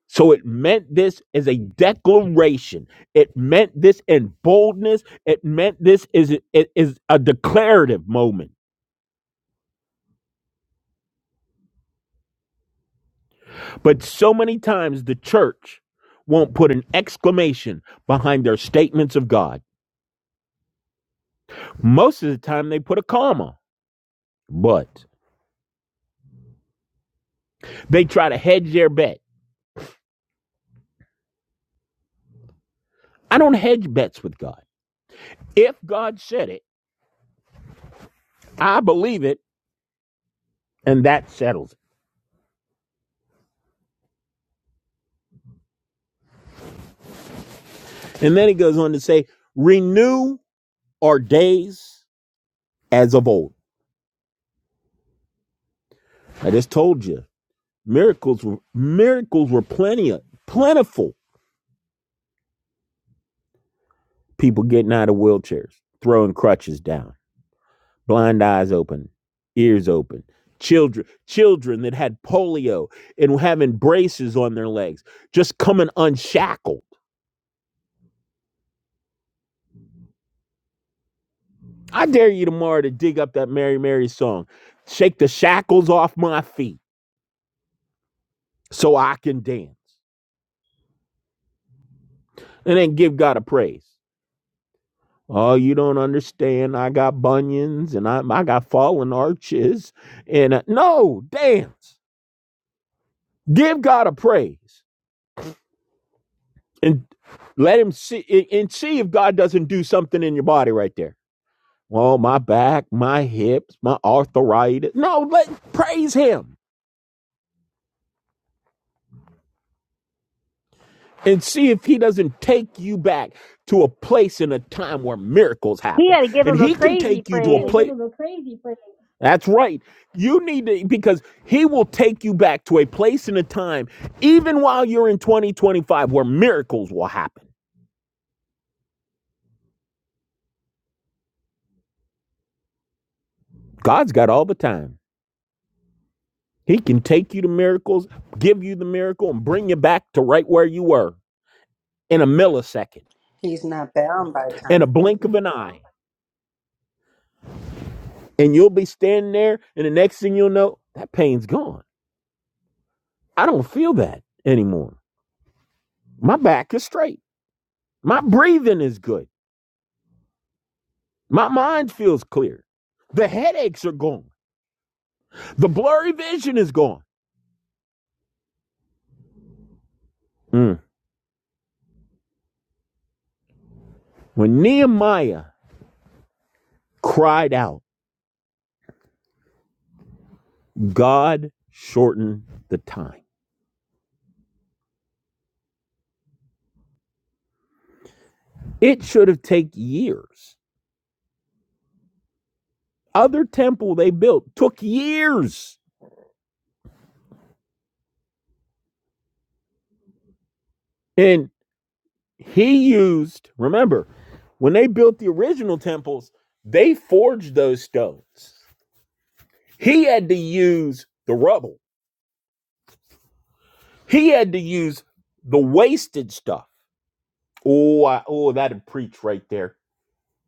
So it meant this as a declaration. It meant this in boldness. It meant this is it is a declarative moment. But so many times the church won't put an exclamation behind their statements of God. Most of the time they put a comma, but they try to hedge their bet. I don't hedge bets with God. If God said it, I believe it, and that settles it. And then he goes on to say, renew our days as of old. I just told you, miracles were miracles were plenty of, plentiful. People getting out of wheelchairs, throwing crutches down, blind eyes open, ears open. Children, children that had polio and having braces on their legs, just coming unshackled. I dare you tomorrow to dig up that Mary Mary song, shake the shackles off my feet, so I can dance, and then give God a praise. Oh, you don't understand. I got bunions and I, I got fallen arches. And uh, no, dance. Give God a praise and let Him see and see if God doesn't do something in your body right there. Oh, my back, my hips, my arthritis. No, let praise Him and see if he doesn't take you back to a place in a time where miracles
he
happen.
had to give
And
him a
he can
crazy
take you to a gotta
praise.
place. to the crazy place. That's right. You need to, because he will take you back to a place in a time, even while you're in 2025, where miracles will happen. God's got all the time. He can take you to miracles, give you the miracle, and bring you back to right where you were in a millisecond,
He's not bound by
in a
time.
blink of an eye. And you'll be standing there, and the next thing you'll know, that pain's gone I don't feel that anymore. My back is straight. My breathing is good. My mind feels clear. The headaches are gone. The blurry vision is gone. Mm. When Nehemiah cried out, God shortened the time. It should have taken years. Other temple they built took years. And he used, remember, when they built the original temples, they forged those stones. He had to use the rubble He had to use the wasted stuff. Oh, I, oh, that'd preach right there.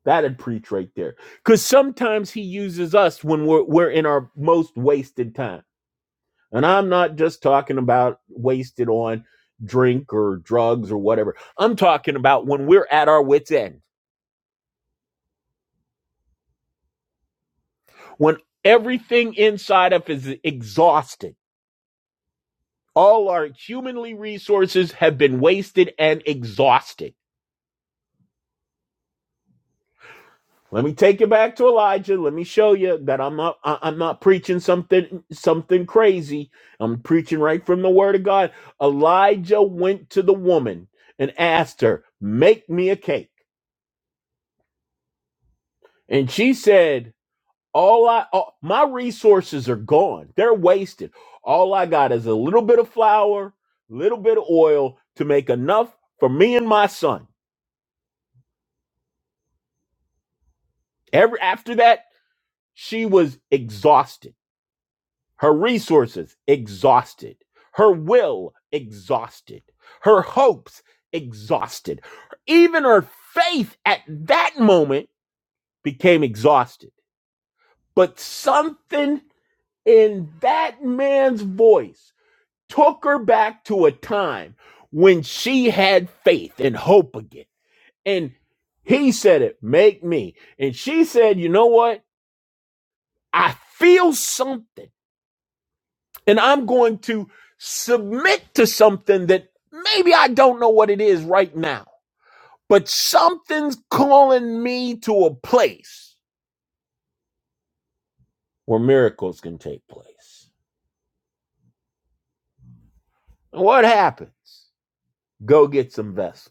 That'd preach right there. Because sometimes he uses us when we're we're in our most wasted time. And I'm not just talking about wasted on drink or drugs or whatever. I'm talking about when we're at our wits' end, when everything inside of us is exhausted. All our humanly resources have been wasted and exhausted Let me take you back to Elijah. Let me show you that I'm not I- I'm not preaching something something crazy. I'm preaching right from the word of God. Elijah went to the woman and asked her, "Make me a cake." And she said, "All I all, my resources are gone. They're wasted. All I got is a little bit of flour, little bit of oil to make enough for me and my son." Every after that, she was exhausted her resources exhausted, her will exhausted, her hopes exhausted, even her faith at that moment became exhausted. But something in that man's voice took her back to a time when she had faith and hope again. And he said it, make me. And she said, you know what? I feel something. and I'm going to submit to something that maybe I don't know what it is right now, but something's calling me to a place where miracles can take place. And what happens? Go get some vessels.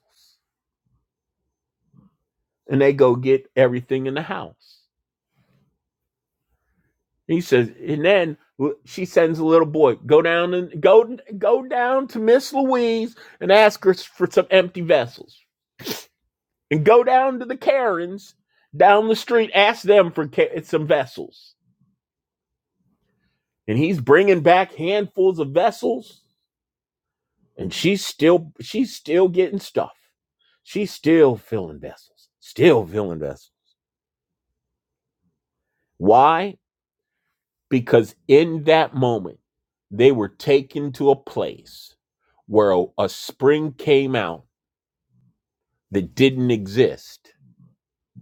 And they go get everything in the house. He says, and then she sends a little boy, go down and go go down to Miss Louise and ask her for some empty vessels. and go down to the Karens down the street, ask them for some vessels. And he's bringing back handfuls of vessels, and she's still she's still getting stuff. She's still filling vessels, still filling vessels. Why? Because in that moment, they were taken to a place where a, a spring came out that didn't exist,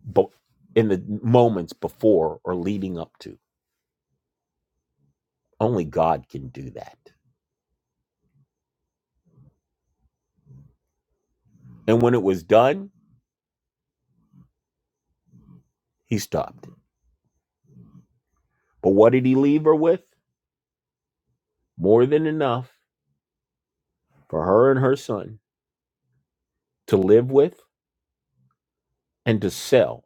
but in the moments before or leading up to. Only God can do that. And when it was done, he stopped. But what did he leave her with? More than enough for her and her son to live with and to sell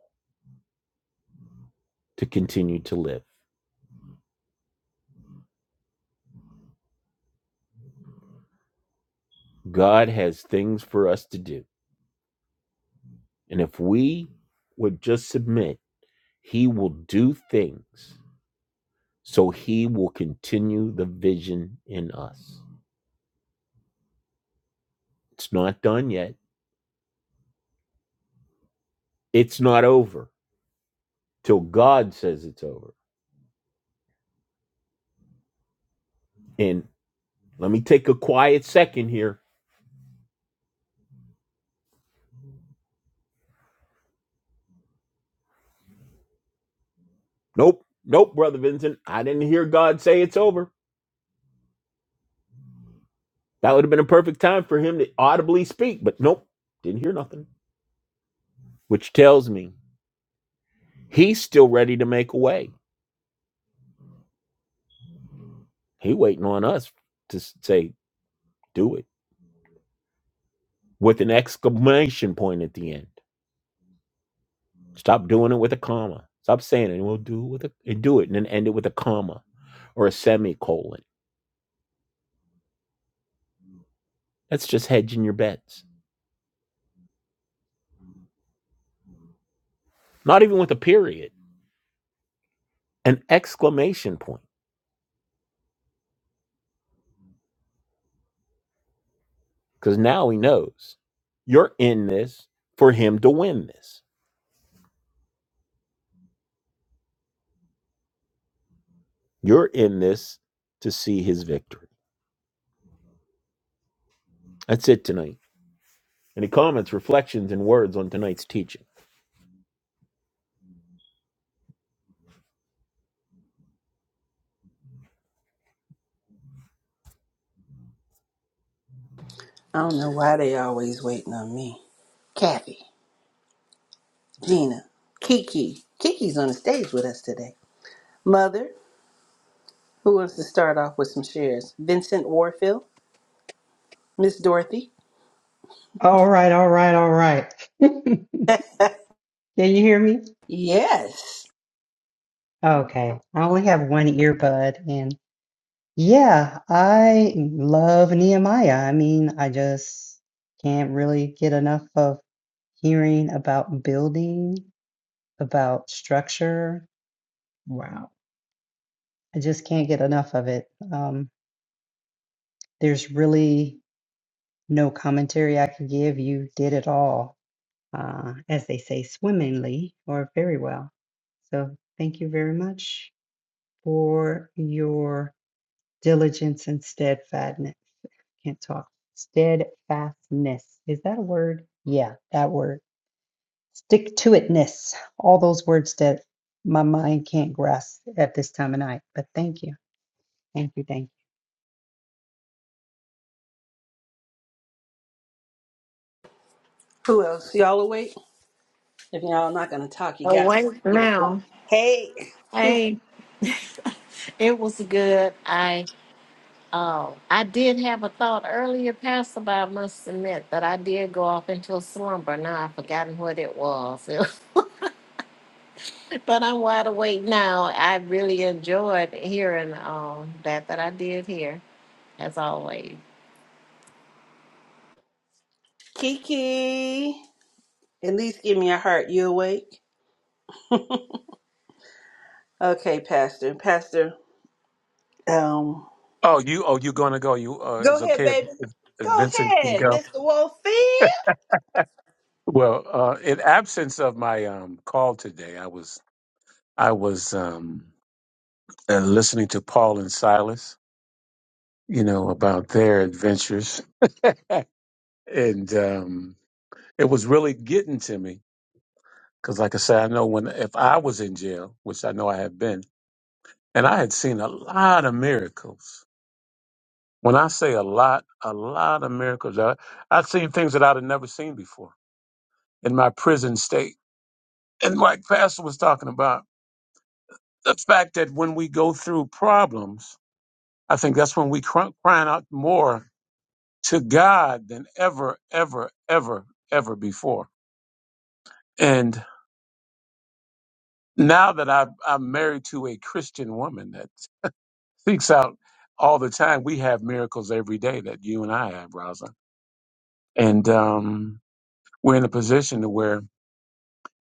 to continue to live. God has things for us to do. And if we would just submit, he will do things so he will continue the vision in us. It's not done yet. It's not over till God says it's over. And let me take a quiet second here Nope, nope, Brother Vincent. I didn't hear God say it's over. That would have been a perfect time for him to audibly speak, but nope, didn't hear nothing. Which tells me he's still ready to make a way. He waiting on us to s- say, do it with an exclamation point at the end. Stop doing it with a comma. Stop saying it. We'll do it with a and do it and then end it with a comma or a semicolon. That's just hedging your bets. Not even with a period. An exclamation point. because now he knows you're in this for him to win this. You're in this to see his victory. That's it tonight. Any comments, reflections, and words on tonight's teaching?
I don't know why they always waiting on me. Kathy, Gina, Kiki. Kiki's on the stage with us today. Mother, who wants to start off with some shares? Vincent Warfield, Miss Dorothy.
All right, all right, all right. Can you hear me?
Yes.
Okay. I only have one earbud and yeah, I love Nehemiah. I mean, I just can't really get enough of hearing about building, about structure. Wow. I just can't get enough of it. Um, there's really no commentary I can give. You did it all, uh, as they say, swimmingly or very well. So thank you very much. for your diligence and steadfastness. Can't talk. Steadfastness. Is that a word? Yeah, that word. Stick to itness. All those words that my mind can't grasp at this time of night. But thank you. Thank you. Thank you.
Who else? Y'all awake? If y'all not gonna talk, you got to
Awake
give a heart.
now.
Hey, who's
Hey, it was good. I um I did have a thought earlier, Pastor, but I must admit that I did go off into a slumber. Now I've forgotten what it was. but I'm wide awake now. I really enjoyed hearing um that that I did hear, as always.
Kiki? At least give me a heart. You awake? Okay, Pastor. Pastor, um,
Oh, you oh you gonna go? You uh,
go
it's
ahead,
okay if,
baby.
if, if
Go
Vincent can
ahead,
go.
Mr. Wolfie.
Well, uh, in absence of my um, call today, I was I was. um, and listening to Paul and Silas, you know, about their adventures. and um, it was really getting to me because, like I said, I know when if I was in jail, which I know I have been, and I had seen a lot of miracles. When I say a lot, a lot of miracles, I, I'd seen things that I'd have never seen before in my prison state. And like Pastor was talking about, the fact that when we go through problems, I think that's when we cry, crying out more to God than ever, ever, ever, ever before. And now that I, I'm married to a Christian woman that seeks out all the time, we have miracles every day that you and I have, Rosa. And um, we're in a position to where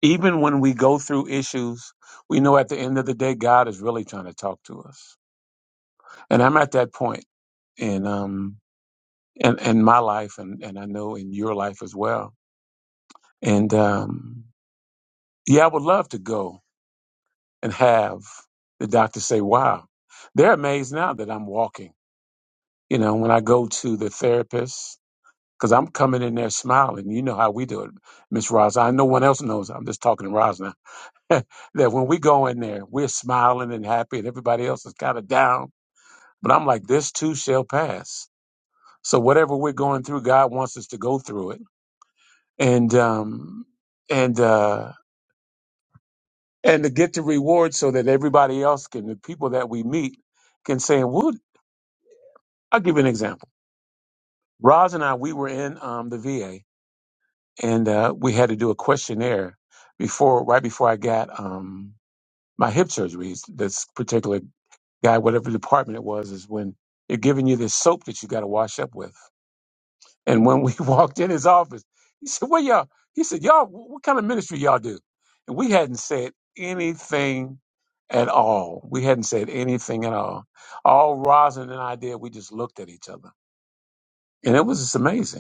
even when we go through issues, we know at the end of the day, God is really trying to talk to us. And I'm at that point in um in, in my life, and, and I know in your life as well. And um, yeah, I would love to go and have the doctor say, wow, they're amazed now that I'm walking. You know, when I go to the therapist, because I'm coming in there smiling. You know how we do it, Miss Roz. I no one else knows. I'm just talking to Roz now. that when we go in there, we're smiling and happy, and everybody else is kind of down. But I'm like, this too shall pass. So whatever we're going through, God wants us to go through it, and um, and uh, and to get the reward, so that everybody else can, the people that we meet, can say, "Woo, I'll give you an example. Roz and I, we were in um, the VA, and uh, we had to do a questionnaire before, right before I got um, my hip surgery. This particular guy, whatever department it was, is when they're giving you this soap that you got to wash up with. And when we walked in his office, he said, "What y'all?" He said, "Y'all, wh- what kind of ministry y'all do?" And we hadn't said anything at all. We hadn't said anything at all. All Rosin and I did, we just looked at each other, and it was just amazing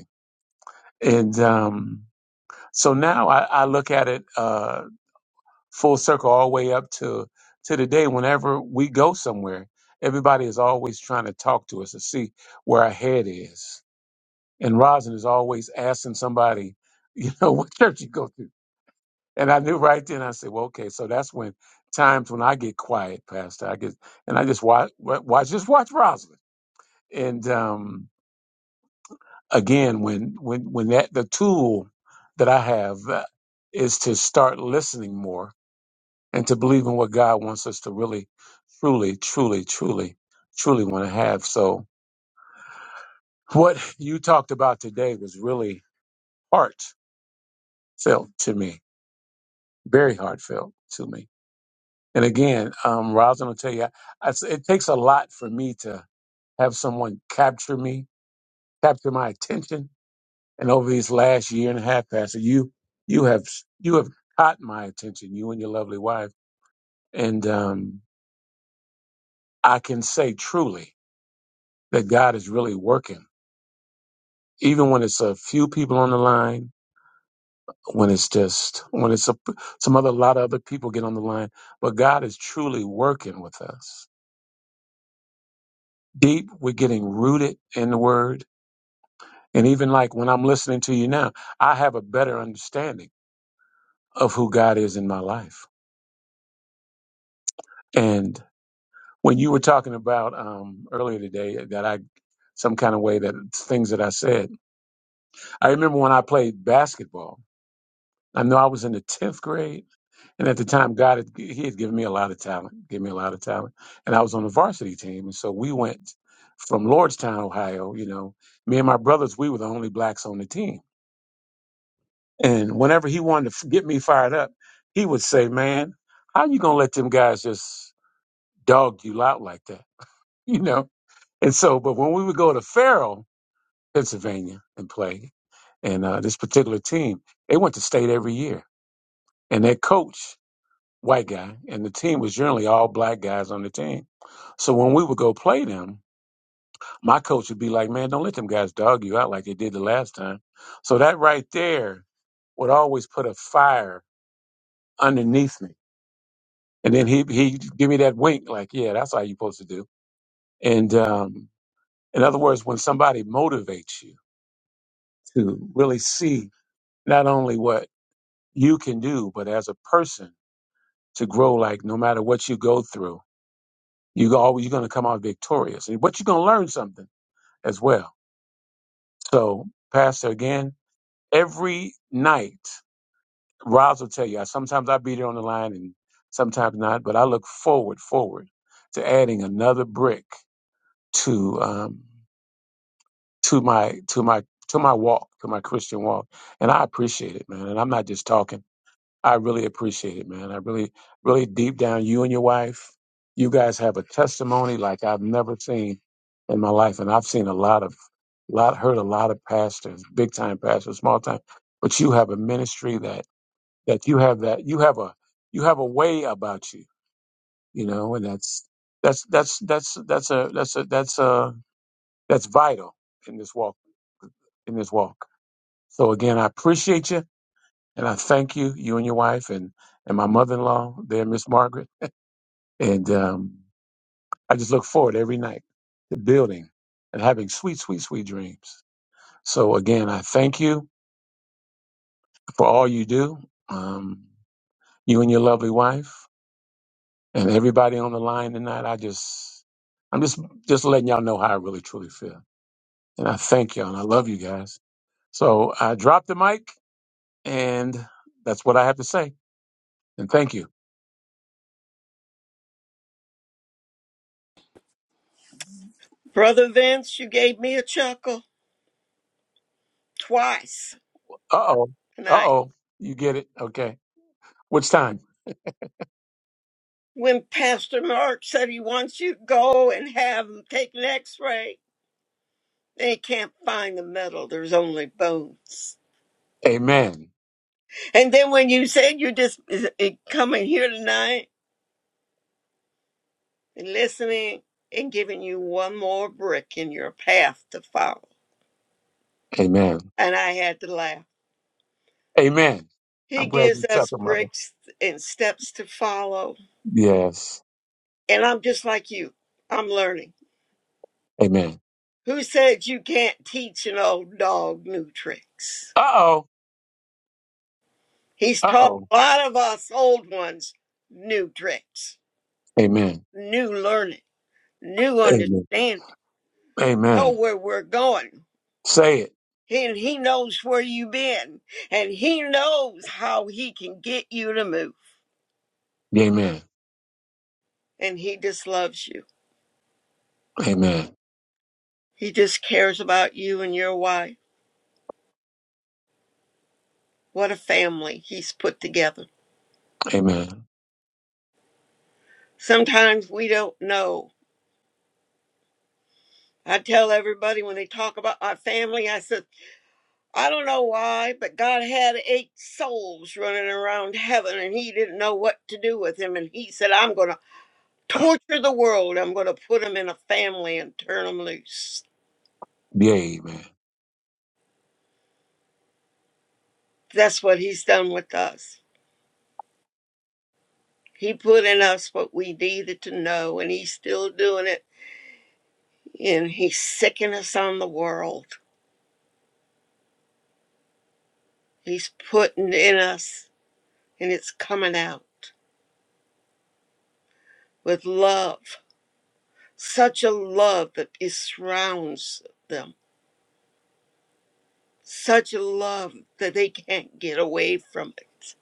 And um, so now I, I look at it uh, full circle all the way up to to the day whenever we go somewhere, everybody is always trying to talk to us to see where our head is. And Rosin is always asking somebody, you know, what church you go to. And I knew right then, I said, well, okay, so that's when times when I get quiet, Pastor. I get, and I just watch, watch just watch Rosin. And, um, again when when when that the tool that I have uh, is to start listening more and to believe in what God wants us to really truly truly truly truly want to have so what you talked about today was really heartfelt to me very heartfelt to me and again um Rosin will tell you I, I- it takes a lot for me to have someone capture me capture my attention And over these last year and a half, Pastor, you you have you have caught my attention, you and your lovely wife. And um, I can say truly that God is really working, even when it's a few people on the line, when it's just when it's a, some other lot of other people get on the line. But God is truly working with us. Deep, we're getting rooted in the Word, and even like when I'm listening to you now, I have a better understanding of who God is in my life. And when you were talking about um, earlier today that I some kind of way that things that I said. I remember when I played basketball. I know I was in the tenth grade, and at the time, God had, He had given me a lot of talent, gave me a lot of talent, and I was on the varsity team. And so we went from Lordstown, Ohio. You know, me and my brothers, we were the only blacks on the team. And whenever He wanted to f- get me fired up, He would say, "Man, how you gonna let them guys just dog you out like that?" You know. And so, but when we would go to Farrell, Pennsylvania and played. And uh, this particular team, they went to state every year. And their coach, white guy, and the team was generally all black guys on the team. So when we would go play them, my coach would be like, man, don't let them guys dog you out like they did the last time. So that right there would always put a fire underneath me. And then he, he'd give me that wink, like, yeah, that's how you're supposed to do. And um, in other words, when somebody motivates you to really see not only what you can do, but as a person to grow, like no matter what you go through, you always you're gonna come out victorious. And- But you're gonna learn something as well. So, Pastor, again, every night, Roz will tell you. I sometimes I beat it on the line, and sometimes not. But I look forward, forward to adding another brick to um, to my to my to my walk, to my Christian walk, and I appreciate it, man. And I'm not just talking. I really appreciate it, man. I really, really deep down, you and your wife, you guys have a testimony like I've never seen in my life, and I've seen a lot of, lot heard a lot of pastors, big time pastors, small time, but you have a ministry that that you have that you have a you have a way about you, you know, and that's that's that's that's that's a that's a that's a that's vital in this walk in this walk. So again, I appreciate you and I thank you, you and your wife and and my mother in law there, Miss Margaret. And um, I just look forward every night to building and having sweet, sweet, sweet dreams. So again, I thank you for all you do, um, you and your lovely wife, and everybody on the line tonight. I just, I'm just, just letting y'all know how I really truly feel. And I thank y'all, and I love you guys. So I dropped the mic, and that's what I have to say. And thank you.
Brother Vince, you gave me a chuckle twice
Uh oh, uh
tonight.
oh, you get it? Okay. Which time?
When Pastor Mark said he wants you to go and have him take an x ray, they can't find the metal, there's only bones.
Amen.
And then when you said you're just is- is coming here tonight and listening and giving you one more brick in your path to follow,
Amen.
and I had to laugh.
Amen.
He
I'm glad
gives
you took
us
it, mother.
bricks and steps to follow.
Yes.
And I'm just like you, I'm learning.
Amen.
Who said you can't teach an old dog new tricks?
Uh oh.
He's
Uh
taught
oh.
a lot of us old ones new tricks,
Amen.
new learning, new
Amen.
understanding, know
Amen.
where we're going.
Say it.
And he knows where you've been, and he knows how he can get you to move.
Amen.
And he just loves you.
Amen.
He just cares about you and your wife What a family he's put together.
Amen.
Sometimes we don't know. I tell everybody when they talk about our family, I said, I don't know why, but God had eight souls running around heaven and he didn't know what to do with him. And he said, I'm going to torture the world. I'm going to put them in a family and turn them loose.
Yeah, amen.
That's what he's done with us. He put in us what we needed to know, and he's still doing it. And he's sicking us on the world. He's putting in us and it's coming out with love, such a love that it surrounds them, such a love that they can't get away from it,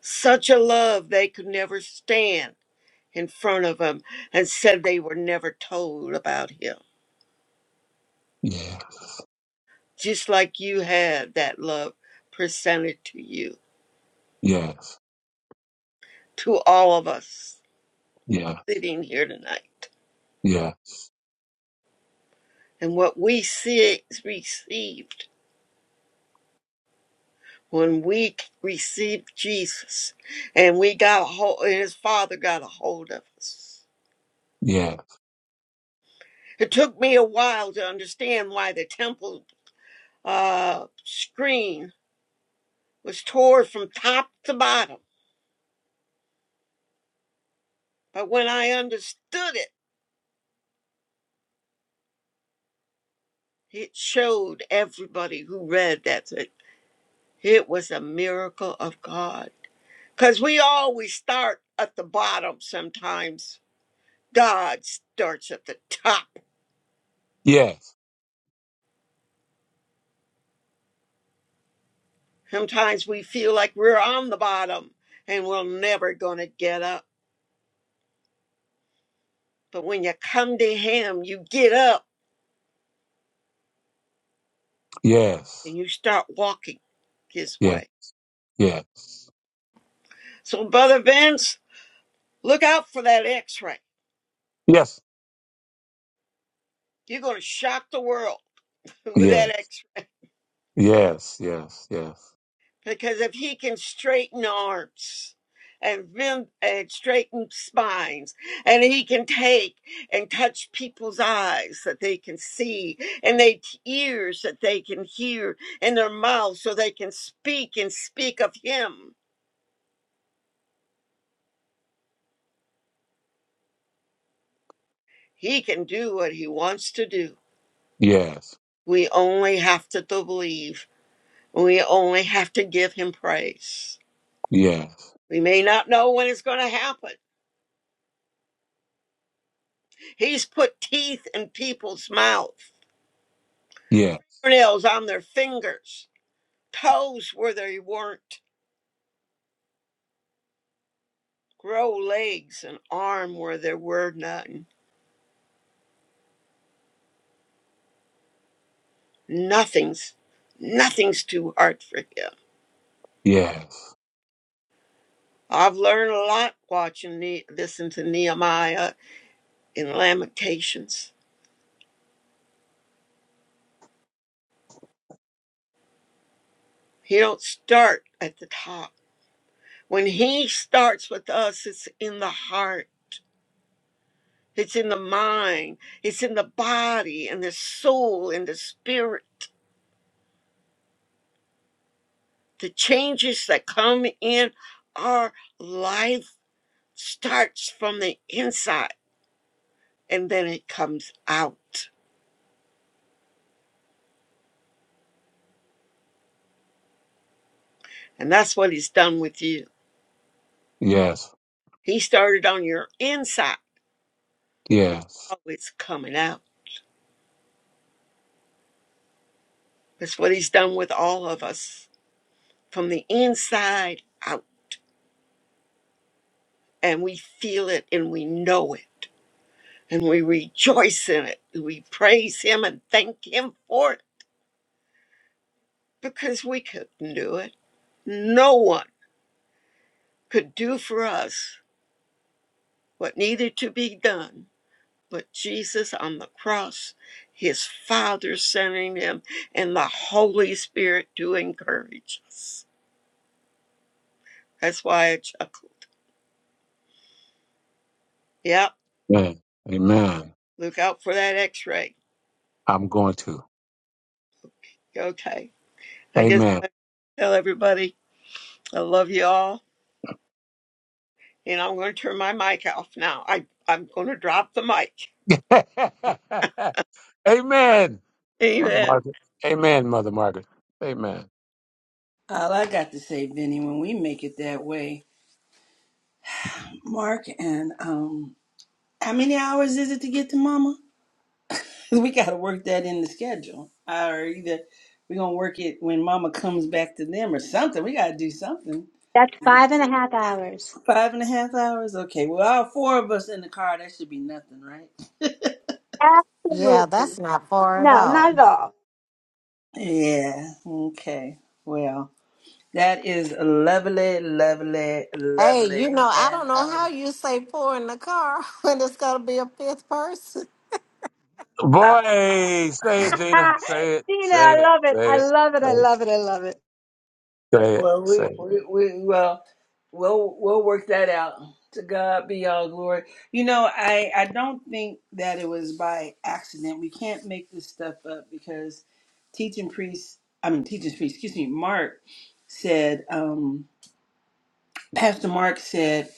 such a love they could never stand in front of him and said they were never told about him.
Yeah.
Just like you had that love presented to you,
Yes.
to all of us
Yeah.
sitting here tonight.
Yeah.
And what we see, received when we received Jesus and we got a hold, and his father got a hold of us.
Yeah.
It took me a while to understand why the temple uh, screen was torn from top to bottom. But when I understood it, it showed everybody who read that it, it was a miracle of God. Because we always start at the bottom sometimes. God starts at the top
Yes.
Sometimes we feel like we're on the bottom and we're never going to get up. But when you come to Him, you get up and
Yes.
you start walking His
Yeah.
way.
Yeah.
So, Brother Vince, look out for that x ray.
Yes.
You're going to shock the world with that
Yes.
x ray.
Yes. Yes. Yes.
because if he can straighten arms and bend and straighten spines and he can take and touch people's eyes that they can see and their ears that they can hear and their mouths so they can speak and speak of him he can do what he wants to do
Yes.
we only have to to believe we only have to give him praise
Yes.
we may not know when it's going to happen he's put teeth in people's mouth
Yes.
Nails on their fingers, toes where they weren't, grow legs and arm where there were none. Nothing's nothing's too hard for him.
Yes.
I've learned a lot watching ne- listen to Nehemiah in Lamentations. He don't start at the top. When he starts with us, it's in the heart. It's in the mind. It's in the body and the soul and the spirit. the changes that come in our life starts from the inside and then it comes out and that's what he's done with you
Yes.
he started on your inside and
Yes.
now it's always coming out that's what he's done with all of us from the inside out and we feel it and we know it and we rejoice in it we praise him and thank him for it because we couldn't do it no one could do for us what needed to be done, but Jesus on the cross, his Father sending him, and the Holy Spirit to encourage us. That's why I chuckle. Yep,
Amen. Amen.
look out for that x ray.
I'm going to.
Okay. I just
Amen.
tell everybody I love you all, and I'm going to turn my mic off now. I, I'm going to drop the mic.
Amen, Mother
Amen.
Margaret. Amen, Mother Margaret. Amen.
All I got to say, Vinny, when we make it that way, Mark and um, how many hours is it to get to Mama? Cause we gotta work that in the schedule. Or either we're gonna work it when mama comes back to them or something. We gotta do something.
That's five and a half hours.
Five and a half hours? Okay. Well all four of us in the car, that should be nothing, right?
Yeah, that's
Absolutely.
not far at
No, not
all.
at all.
Yeah. Okay. Well, that is lovely, lovely,
Hey, you know,
lovely.
I
And
don't know how you say four in the car when it's gonna be a fifth person.
um,
Boy, say it, Gina. Say it,
Tina,
say
I
it,
love it.
say
I
it,
love it.
say
I
it,
love it. I love it.
say it.
Well,
Say
we,
it.
we, we well, we'll we'll work that out. To God be all glory. You know, I I don't think that it was by accident. We can't make this stuff up because teaching priest, I mean teaching priest, excuse me, Mark said, um, Pastor Mark said,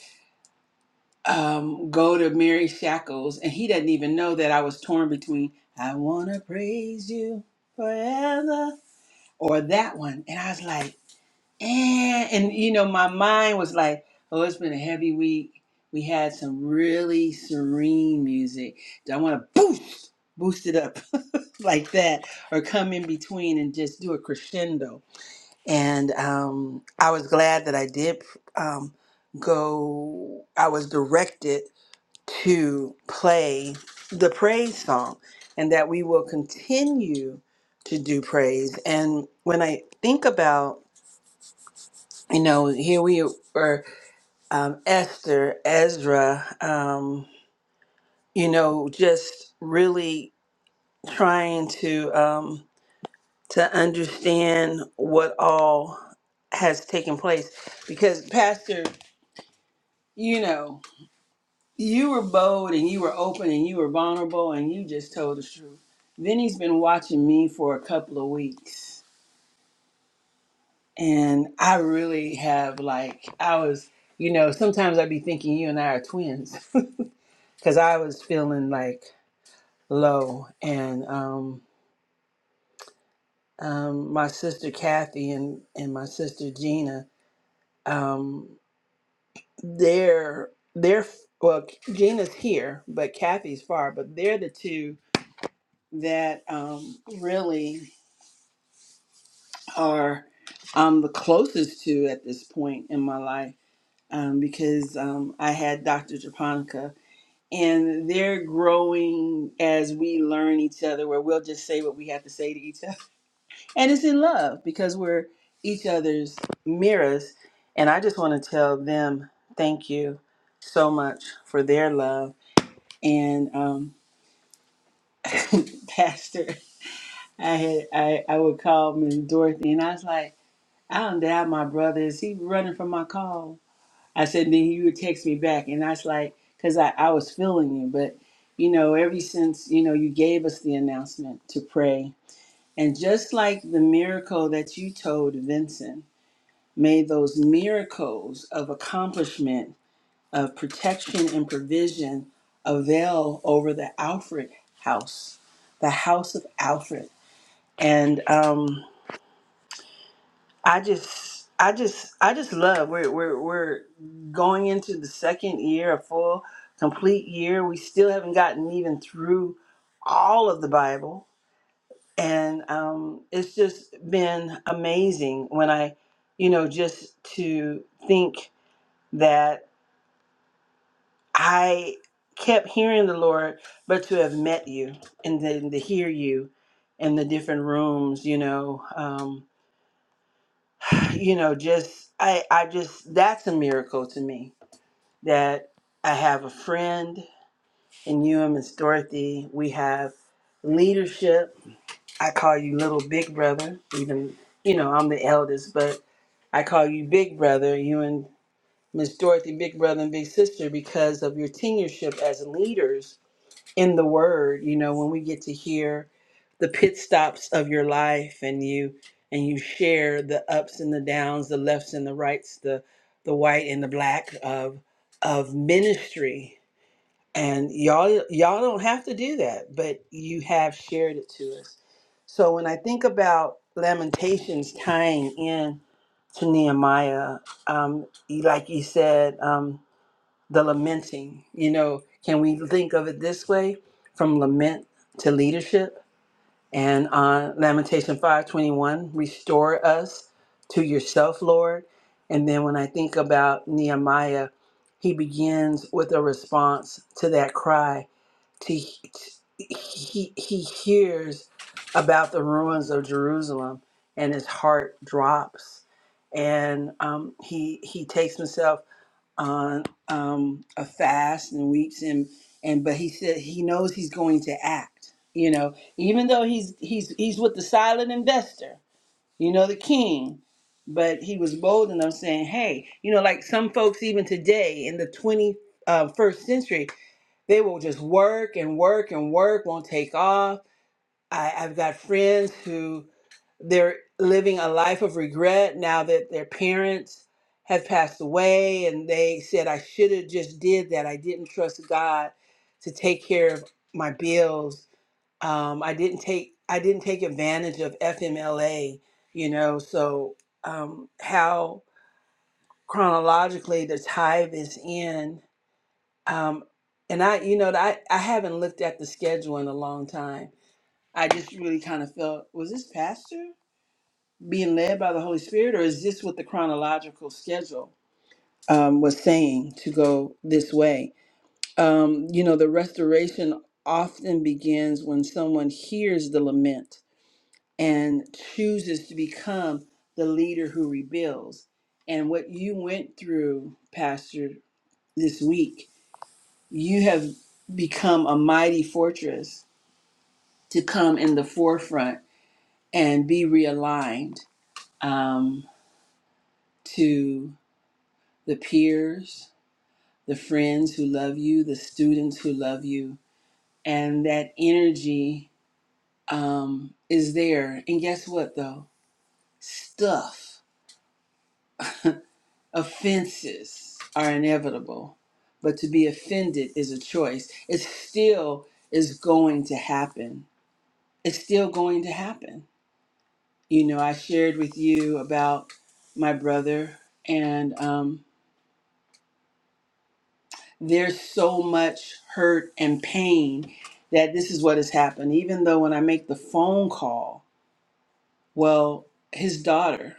um, go to Mary Shackles, and he doesn't even know that I was torn between I wanna praise you forever or that one, and I was like and, and you know my mind was like oh it's been a heavy week we had some really serene music do i want to boost boost it up like that or come in between and just do a crescendo and um, i was glad that i did um, go i was directed to play the praise song and that we will continue to do praise and when i think about you know, here we are, um, Esther, Ezra, um, you know, just really trying to um, to understand what all has taken place. Because, Pastor, you know, you were bold and you were open and you were vulnerable and you just told the truth. Vinny's been watching me for a couple of weeks, and I really have like I was, you know, sometimes I'd be thinking you and I are twins. because I was feeling like low, and um, um, my sister Kathy and and my sister Gina, um, they're they're well, Gina's here, but Kathy's far, but they're the two that um, really are um, the closest to at this point in my life um, because um, I had Dr. Japonica. And they're growing as we learn each other, where we'll just say what we have to say to each other And it's in love because we're each other's mirrors. And I just want to tell them thank you so much for their love. And um, Pastor, I had I, I would call Miss Dorothy, and I was like, I don't doubt my brother. Is he running from my call? I said, then you would text me back, and I was like, because I, I was feeling you, but you know, ever since you know you gave us the announcement to pray, and just like the miracle that you told Vincent. May those miracles of accomplishment, of protection and provision avail over the Alfred house, the house of Alfred. And um, I just, I just, I just love. We're, we're, we're going into the second year, a full, complete year. We still haven't gotten even through all of the Bible, and um, it's just been amazing when I, you know, just to think that I kept hearing the Lord, but to have met you and then to hear you in the different rooms, you know, um, you know, just I, I just that's a miracle to me that I have a friend in you and Miss Dorothy. We have leadership. I call you little big brother, even you know, I'm the eldest, but I call you big brother, you and Miss Dorothy, big brother and big sister, because of your tenureship as leaders in the word you know when we get to hear the pit stops of your life and you and you share the ups and the downs the lefts and the rights the the white and the black of of ministry and y'all y'all don't have to do that but you have shared it to us so when i think about lamentations tying in to nehemiah um, like you said um, the lamenting. You know, can we think of it this way from lament to leadership? And uh, Lamentation 521, restore us to yourself, Lord. And then when I think about Nehemiah, he begins with a response to that cry. To, he, he hears about the ruins of Jerusalem and his heart drops. And um, he, he takes himself on um, a fast and weeks and and but he said he knows he's going to act you know even though he's he's he's with the silent investor you know the king but he was bold enough saying hey you know like some folks even today in the 21st century they will just work and work and work won't take off I, I've got friends who they're living a life of regret now that their parents have passed away and they said I should have just did that. I didn't trust God to take care of my bills. Um, I didn't take I didn't take advantage of FMLA, you know, so um, how chronologically the tithe is in. Um, and I, you know, I, I haven't looked at the schedule in a long time I just really kind of felt, was this pastor being led by the Holy Spirit, or is this what the chronological schedule um, was saying to go this way? Um, you know, the restoration often begins when someone hears the lament and chooses to become the leader who rebuilds. And what you went through, Pastor, this week, you have become a mighty fortress to come in the forefront and be realigned um, to the peers, the friends who love you, the students who love you, and that energy um, is there. And guess what, though? Stuff, offenses are inevitable, but to be offended is a choice. It still is going to happen. It's still going to happen. You know, I shared with you about my brother, and um, there's so much hurt and pain that this is what has happened. Even though when I make the phone call, well, his daughter,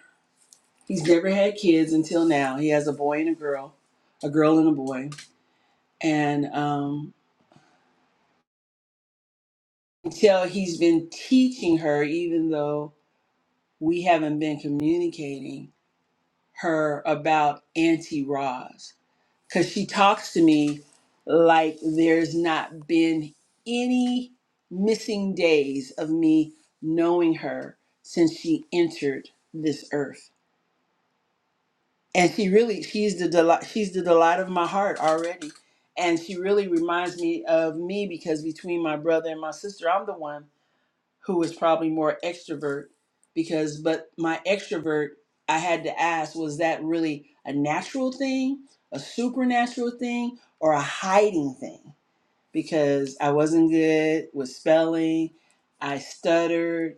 he's never had kids until now. He has a boy and a girl, a girl and a boy. And um, until he's been teaching her, even though we haven't been communicating her about Auntie Roz because she talks to me like there's not been any missing days of me knowing her since she entered this earth and she really she's the delight she's the delight of my heart already and she really reminds me of me because between my brother and my sister i'm the one who was probably more extrovert because but my extrovert I had to ask was that really a natural thing, a supernatural thing or a hiding thing because I wasn't good with spelling, I stuttered,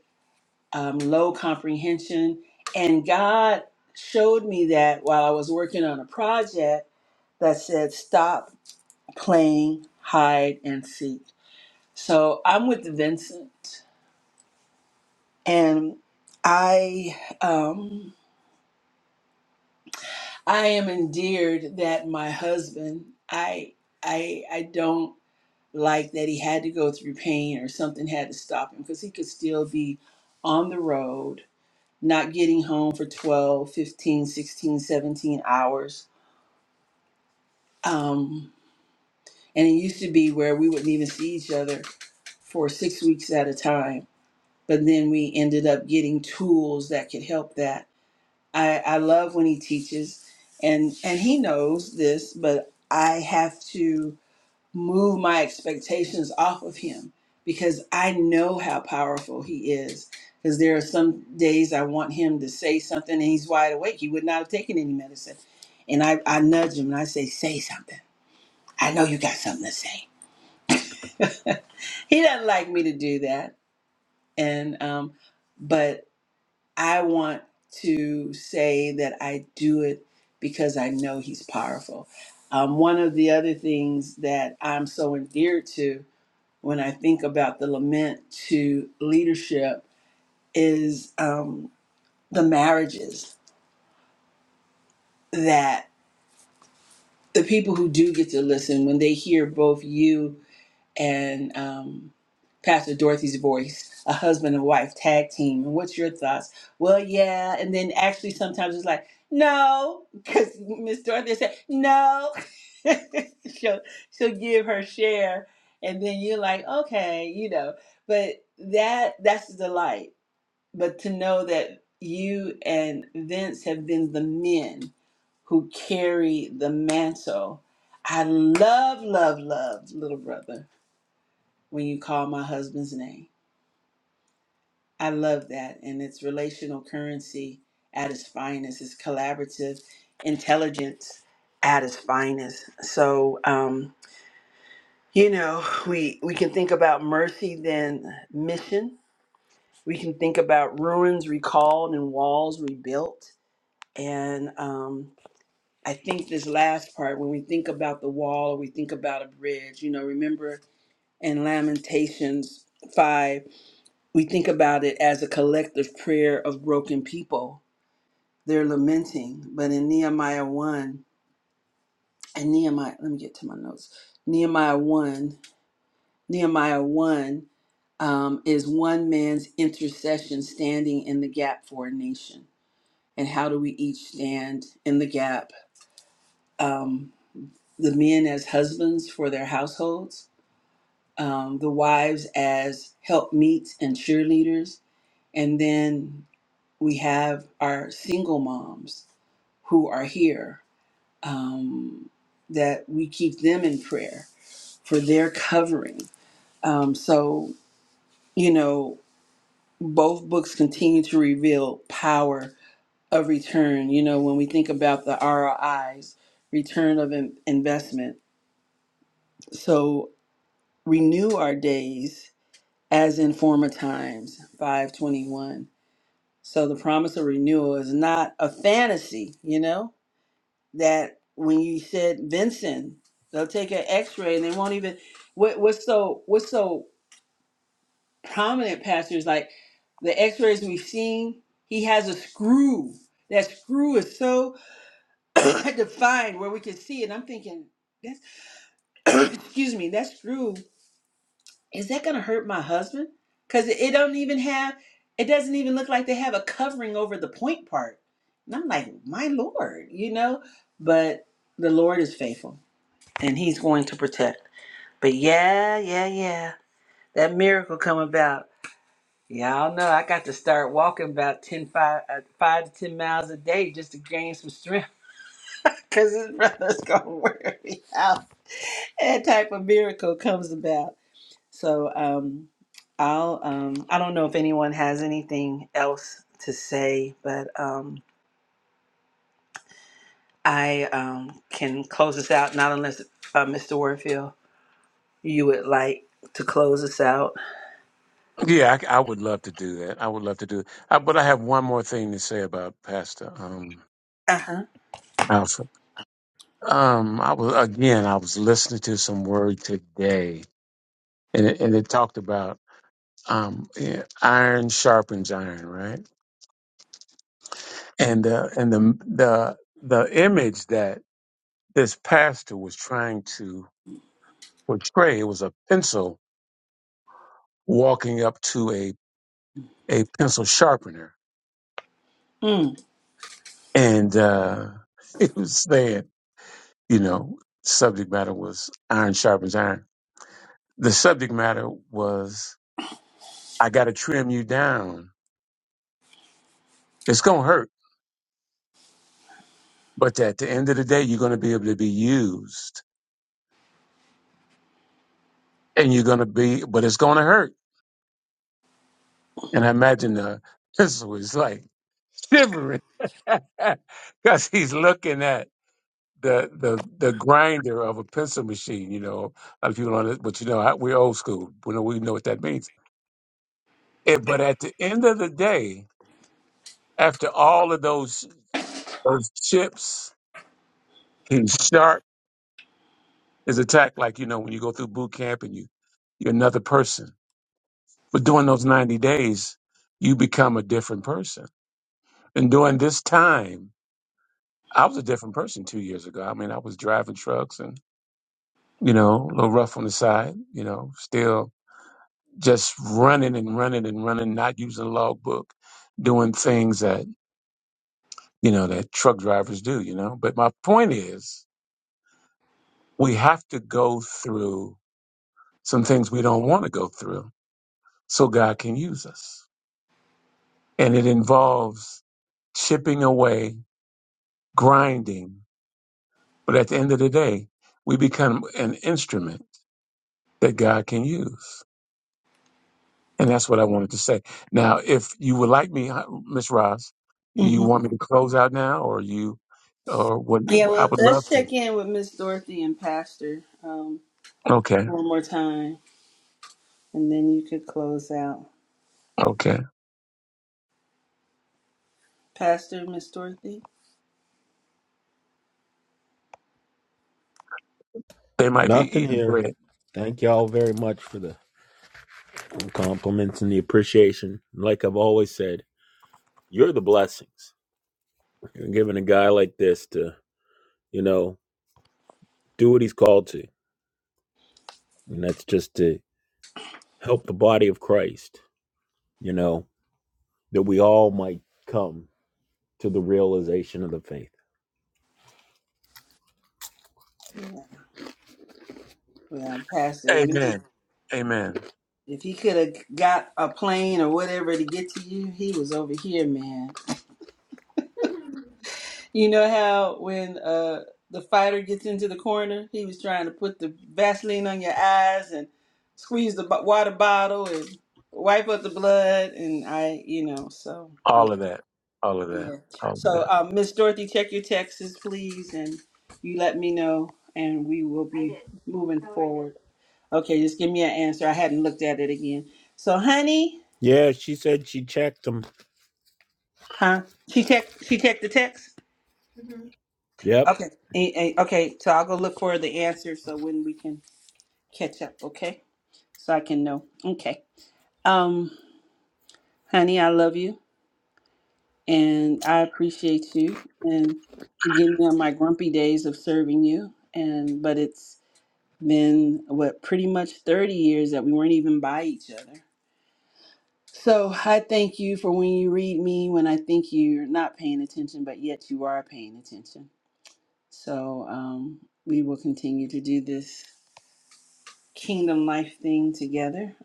um, low comprehension and God showed me that while I was working on a project that said stop playing hide and seek. So I'm with Vincent and I um, I am endeared that my husband I I I don't like that he had to go through pain or something had to stop him because he could still be on the road not getting home for 12, 15, 16, 17 hours um, and it used to be where we wouldn't even see each other for six weeks at a time but then we ended up getting tools that could help that I, I love when he teaches and and he knows this, but I have to move my expectations off of him because I know how powerful he is. Because there are some days I want him to say something and he's wide awake. He would not have taken any medicine. And I, I nudge him and I say, Say something. I know you got something to say. he doesn't like me to do that. And um, but I want to say that I do it because I know he's powerful. Um, one of the other things that I'm so endeared to when I think about the lament to leadership is um, the marriages that the people who do get to listen, when they hear both you and um, Pastor Dorothy's voice, a husband and wife tag team. And what's your thoughts? Well, yeah. And then actually, sometimes it's like, no, because Miss Dorothy said, no. she'll, she'll give her share. And then you're like, okay, you know. But that that's the delight. But to know that you and Vince have been the men who carry the mantle. I love, love, love, little brother when you call my husband's name. I love that. And it's relational currency at its finest, it's collaborative intelligence at its finest. So, um, you know, we, we can think about mercy, then mission. We can think about ruins recalled and walls rebuilt. And um, I think this last part, when we think about the wall, we think about a bridge. You know, remember in Lamentations 5 we think about it as a collective prayer of broken people. They're lamenting, but in Nehemiah 1, and Nehemiah, let me get to my notes. Nehemiah 1, Nehemiah 1 um, is one man's intercession standing in the gap for a nation. And how do we each stand in the gap? Um, the men as husbands for their households, um, the wives as helpmeets and cheerleaders, and then we have our single moms who are here, um, that we keep them in prayer for their covering. Um, so, you know, both books continue to reveal power of return. You know, when we think about the ROIs, return of in- investment. So renew our days as in former times, 521. So the promise of renewal is not a fantasy, you know? that when you said Vincent, they'll take an X-ray and they won't even. What, what's so what's so prominent, Pastor, is like the X-rays we've seen. He has a screw. That screw is so defined where we can see it. I'm thinking that's excuse me. That screw is that going to hurt my husband? Because it, it don't even have. It doesn't even look like they have a covering over the point part. And I'm like, my Lord, you know. But the Lord is faithful. and he's going to protect. But yeah, yeah, yeah. That miracle come about. Y'all know I got to start walking about 10 5, uh, 5 to 10 miles a day just to gain some strength because this brother's going to wear me out. That type of miracle comes about. So um, I'll, um, I don't know if anyone has anything else to say, but um, I um, can close this out, not unless uh, Mr. Warfield, you would like to close us out.
Yeah, I, I would love to do that. I would love to do it. Uh, but I have one more thing to say about Pastor um,
Uh-huh.
Alfred. Um, I was again, I was listening to some word today, and it, and it talked about um, yeah, iron sharpens iron, right? And uh, and the the the image that this pastor was trying to portray. It was a pencil walking up to a, a pencil sharpener.
Hmm.
And uh, he was saying, you know, subject matter was iron sharpens iron. The subject matter was, I got to trim you down. It's going to hurt. But at the end of the day, you're going to be able to be used and you're going to be, but it's going to hurt. And I imagine the pencil is like shivering because he's looking at the the the grinder of a pencil machine. You know, a lot of people don't, under- but you know, I- we're old school. We know we know what that means. It, but at the end of the day, after all of those those chips, he's sharp. Is attacked like you know when you go through boot camp and you you're another person. But during those ninety days, you become a different person. And during this time, I was a different person two years ago. I mean, I was driving trucks and you know a little rough on the side. You know, still just running and running and running, not using logbook, doing things that, you know, that truck drivers do, you know. But my point is, we have to go through some things we don't want to go through so God can use us. And it involves chipping away, grinding. But at the end of the day, we become an instrument that God can use. And that's what I wanted to say. Now, if you would like me, uh, Miss Ross, you
hmm
want me to close out now, or you, or what?
Yeah,
I
well,
would love
let's
to.
check in with Miss Dorothy and Pastor um,
Okay,
one more time, and then you could close out.
okay.
Pastor, Miss Dorothy?
They might be
Nothing
eating
here.
bread.
Thank y'all very much for the compliments and the appreciation. Like I've always said, you're the blessings. You're giving a guy like this to, you know, do what he's called to. And that's just to help the body of Christ, you know, that we all might come to the realization of the faith.
Yeah. Well, Pastor, if he
Amen. Amen.
if he could have got a plane or whatever to get to you, he was over here, man. You know how when uh, the fighter gets into the corner, he was trying to put the Vaseline on your eyes and squeeze the bo- water bottle and wipe up the blood, and I, you know, so yeah.
All of that. All of that.
Yeah.
All of
So,
that.
um, Miss Dorothy, check your texts, please, and you let me know, and we will be moving forward. Okay, just give me an answer. I hadn't looked at it again. So, honey,
Yeah, she said she checked them.
huh? She checked. She checked the text.
Yep.
Okay. Eh, eh, Okay. So I'll go look for the answer. So when we can catch up, okay? So I can know. Okay. Um, honey, I love you, and I appreciate you, and forgive me on my grumpy days of serving you, and but it's been what pretty much 30 years that we weren't even by each other. So I thank you for when you read me when I think you're not paying attention, but yet you are paying attention. So um, we will continue to do this kingdom life thing together.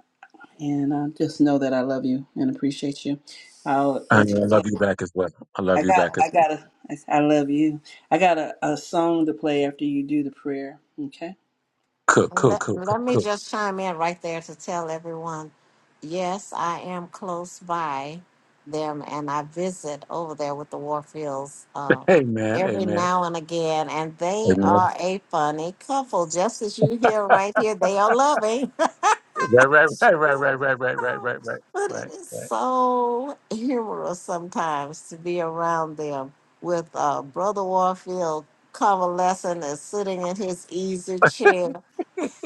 And uh, just know that I love you and appreciate you. I'll
And
let you
I
close.
love you back as well. I love
I
you
got,
back as
I
well.
got a, I I love you. I got a, a song to play after you do the prayer. Okay.
Cook, cook,
Let,
cook, cook,
let me
cook.
just chime in right there to tell everyone yes, I am close by them and I visit over there with the Warfields uh,
Amen.
every
Amen.
now and again. And they
Amen.
are a funny couple, just as you hear right here. They are loving,
Right, right, right, right, right, right, right, right, right,
but it
right,
is
right,
so humorous sometimes to be around them with uh, Brother Warfield convalescent and sitting in his easy chair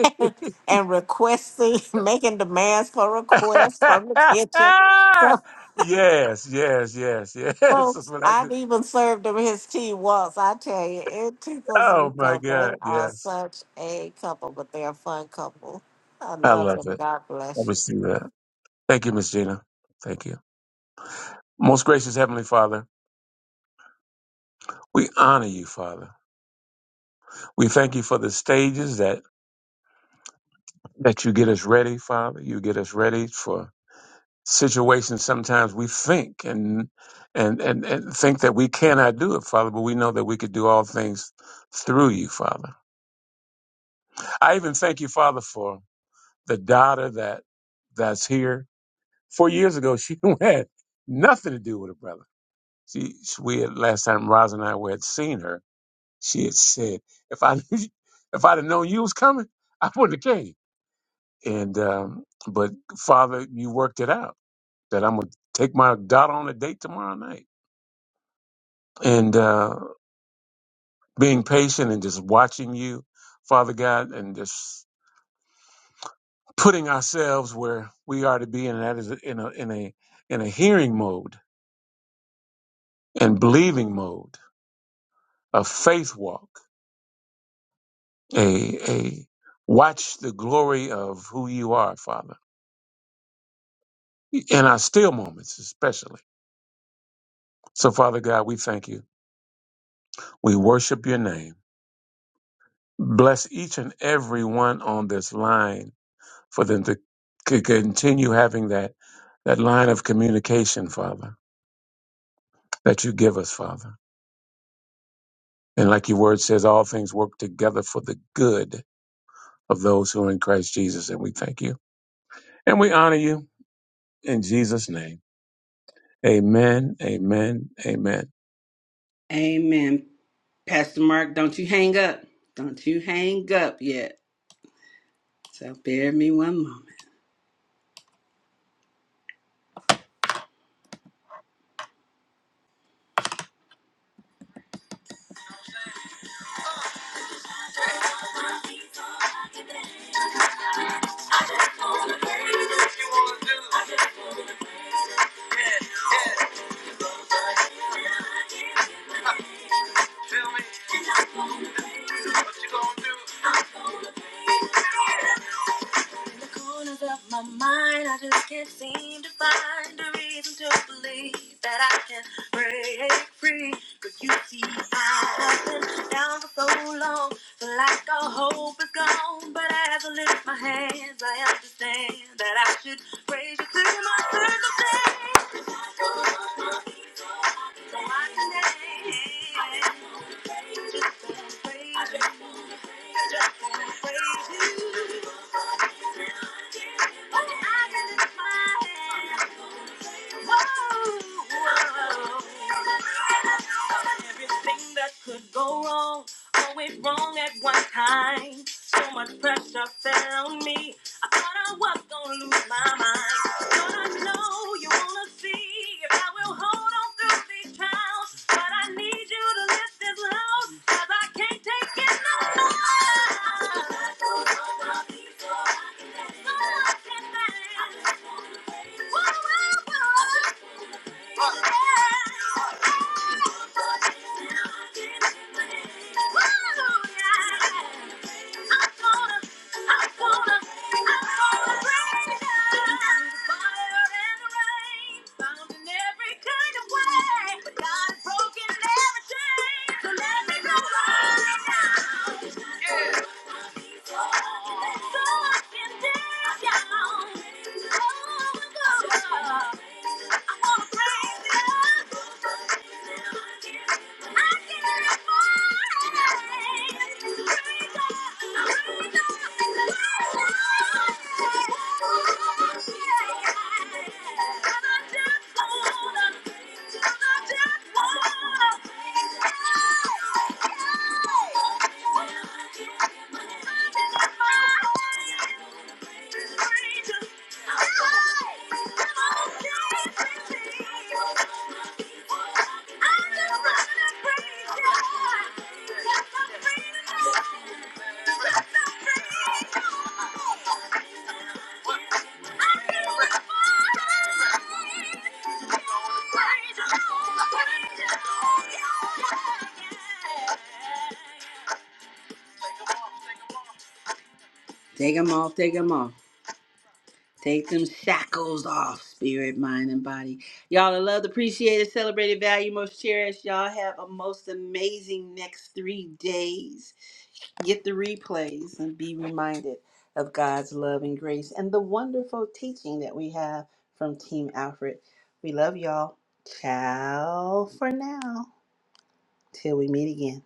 and requesting, making demands for requests from the kitchen.
right.
So,
yes, yes, yes, yes.
so
That's what I
I've
do.
even served him his tea once. I tell you, it tickles me
Oh my
so. They
God,
are
yes.
such a couple, but they're a fun couple. I
I
love
love
them.
it.
God
I
bless you.
receive that. Thank you, Miss Gina. Thank you. Most gracious Heavenly Father, we honor you, Father. We thank you for the stages that, that you get us ready, Father. You get us ready for situations sometimes we think and, and and and think that we cannot do it, Father, but we know that we could do all things through you, Father. I even thank you, Father, for the daughter that that's here. Four years ago, she had nothing to do with a brother She, we had last time Roz and I were had seen her. She had said, "If I, if I'd have known you was coming, I wouldn't have came." And um, but Father, you worked it out that I'm gonna take my daughter on a date tomorrow night. And uh, being patient and just watching you, Father God, and just putting ourselves where we are to be, and that is in a in a in a hearing mode and believing mode, a faith walk a a watch the glory of who you are, Father, in our still moments especially. So, Father God, we thank you. We worship your name. Bless each and every one on this line for them to c- continue having that that line of communication, Father, that you give us, Father. And like your word says, all things work together for the good of those who are in Christ Jesus. And we thank you. And we honor you in Jesus' name. Amen. Amen. Amen.
Amen. Pastor Mark, don't you hang up. Don't you hang up yet. So bear me one moment. Tell me what you gonna do. In the corners of my mind, I just can't seem to find a reason to believe that I can break free. But you see, I've been down for so long, feel like all hope is gone. But as I lift my hands, I understand that I should praise you through my circumstance. I don't want to be So I can Everything that could go wrong, always wrong at one time. So much pressure fell on me. I thought I was gonna lose my mind. Thought I know you wanna see if I will hold on through these trials. But I need you to lift this loud, cause I can't take it no more. I don't wanna be so I can let it go. So I can let it go. Whoa, whoa, whoa. Oh, I Thank you. Thank you. Take them off, take them off. Take them shackles off, spirit, mind, and body. Y'all are loved, appreciated, celebrated, valued, most cherished. Y'all have a most amazing next three days. Get the replays and be reminded of God's love and grace and the wonderful teaching that we have from Team Alfred. We love y'all. Ciao for now. Till we meet again.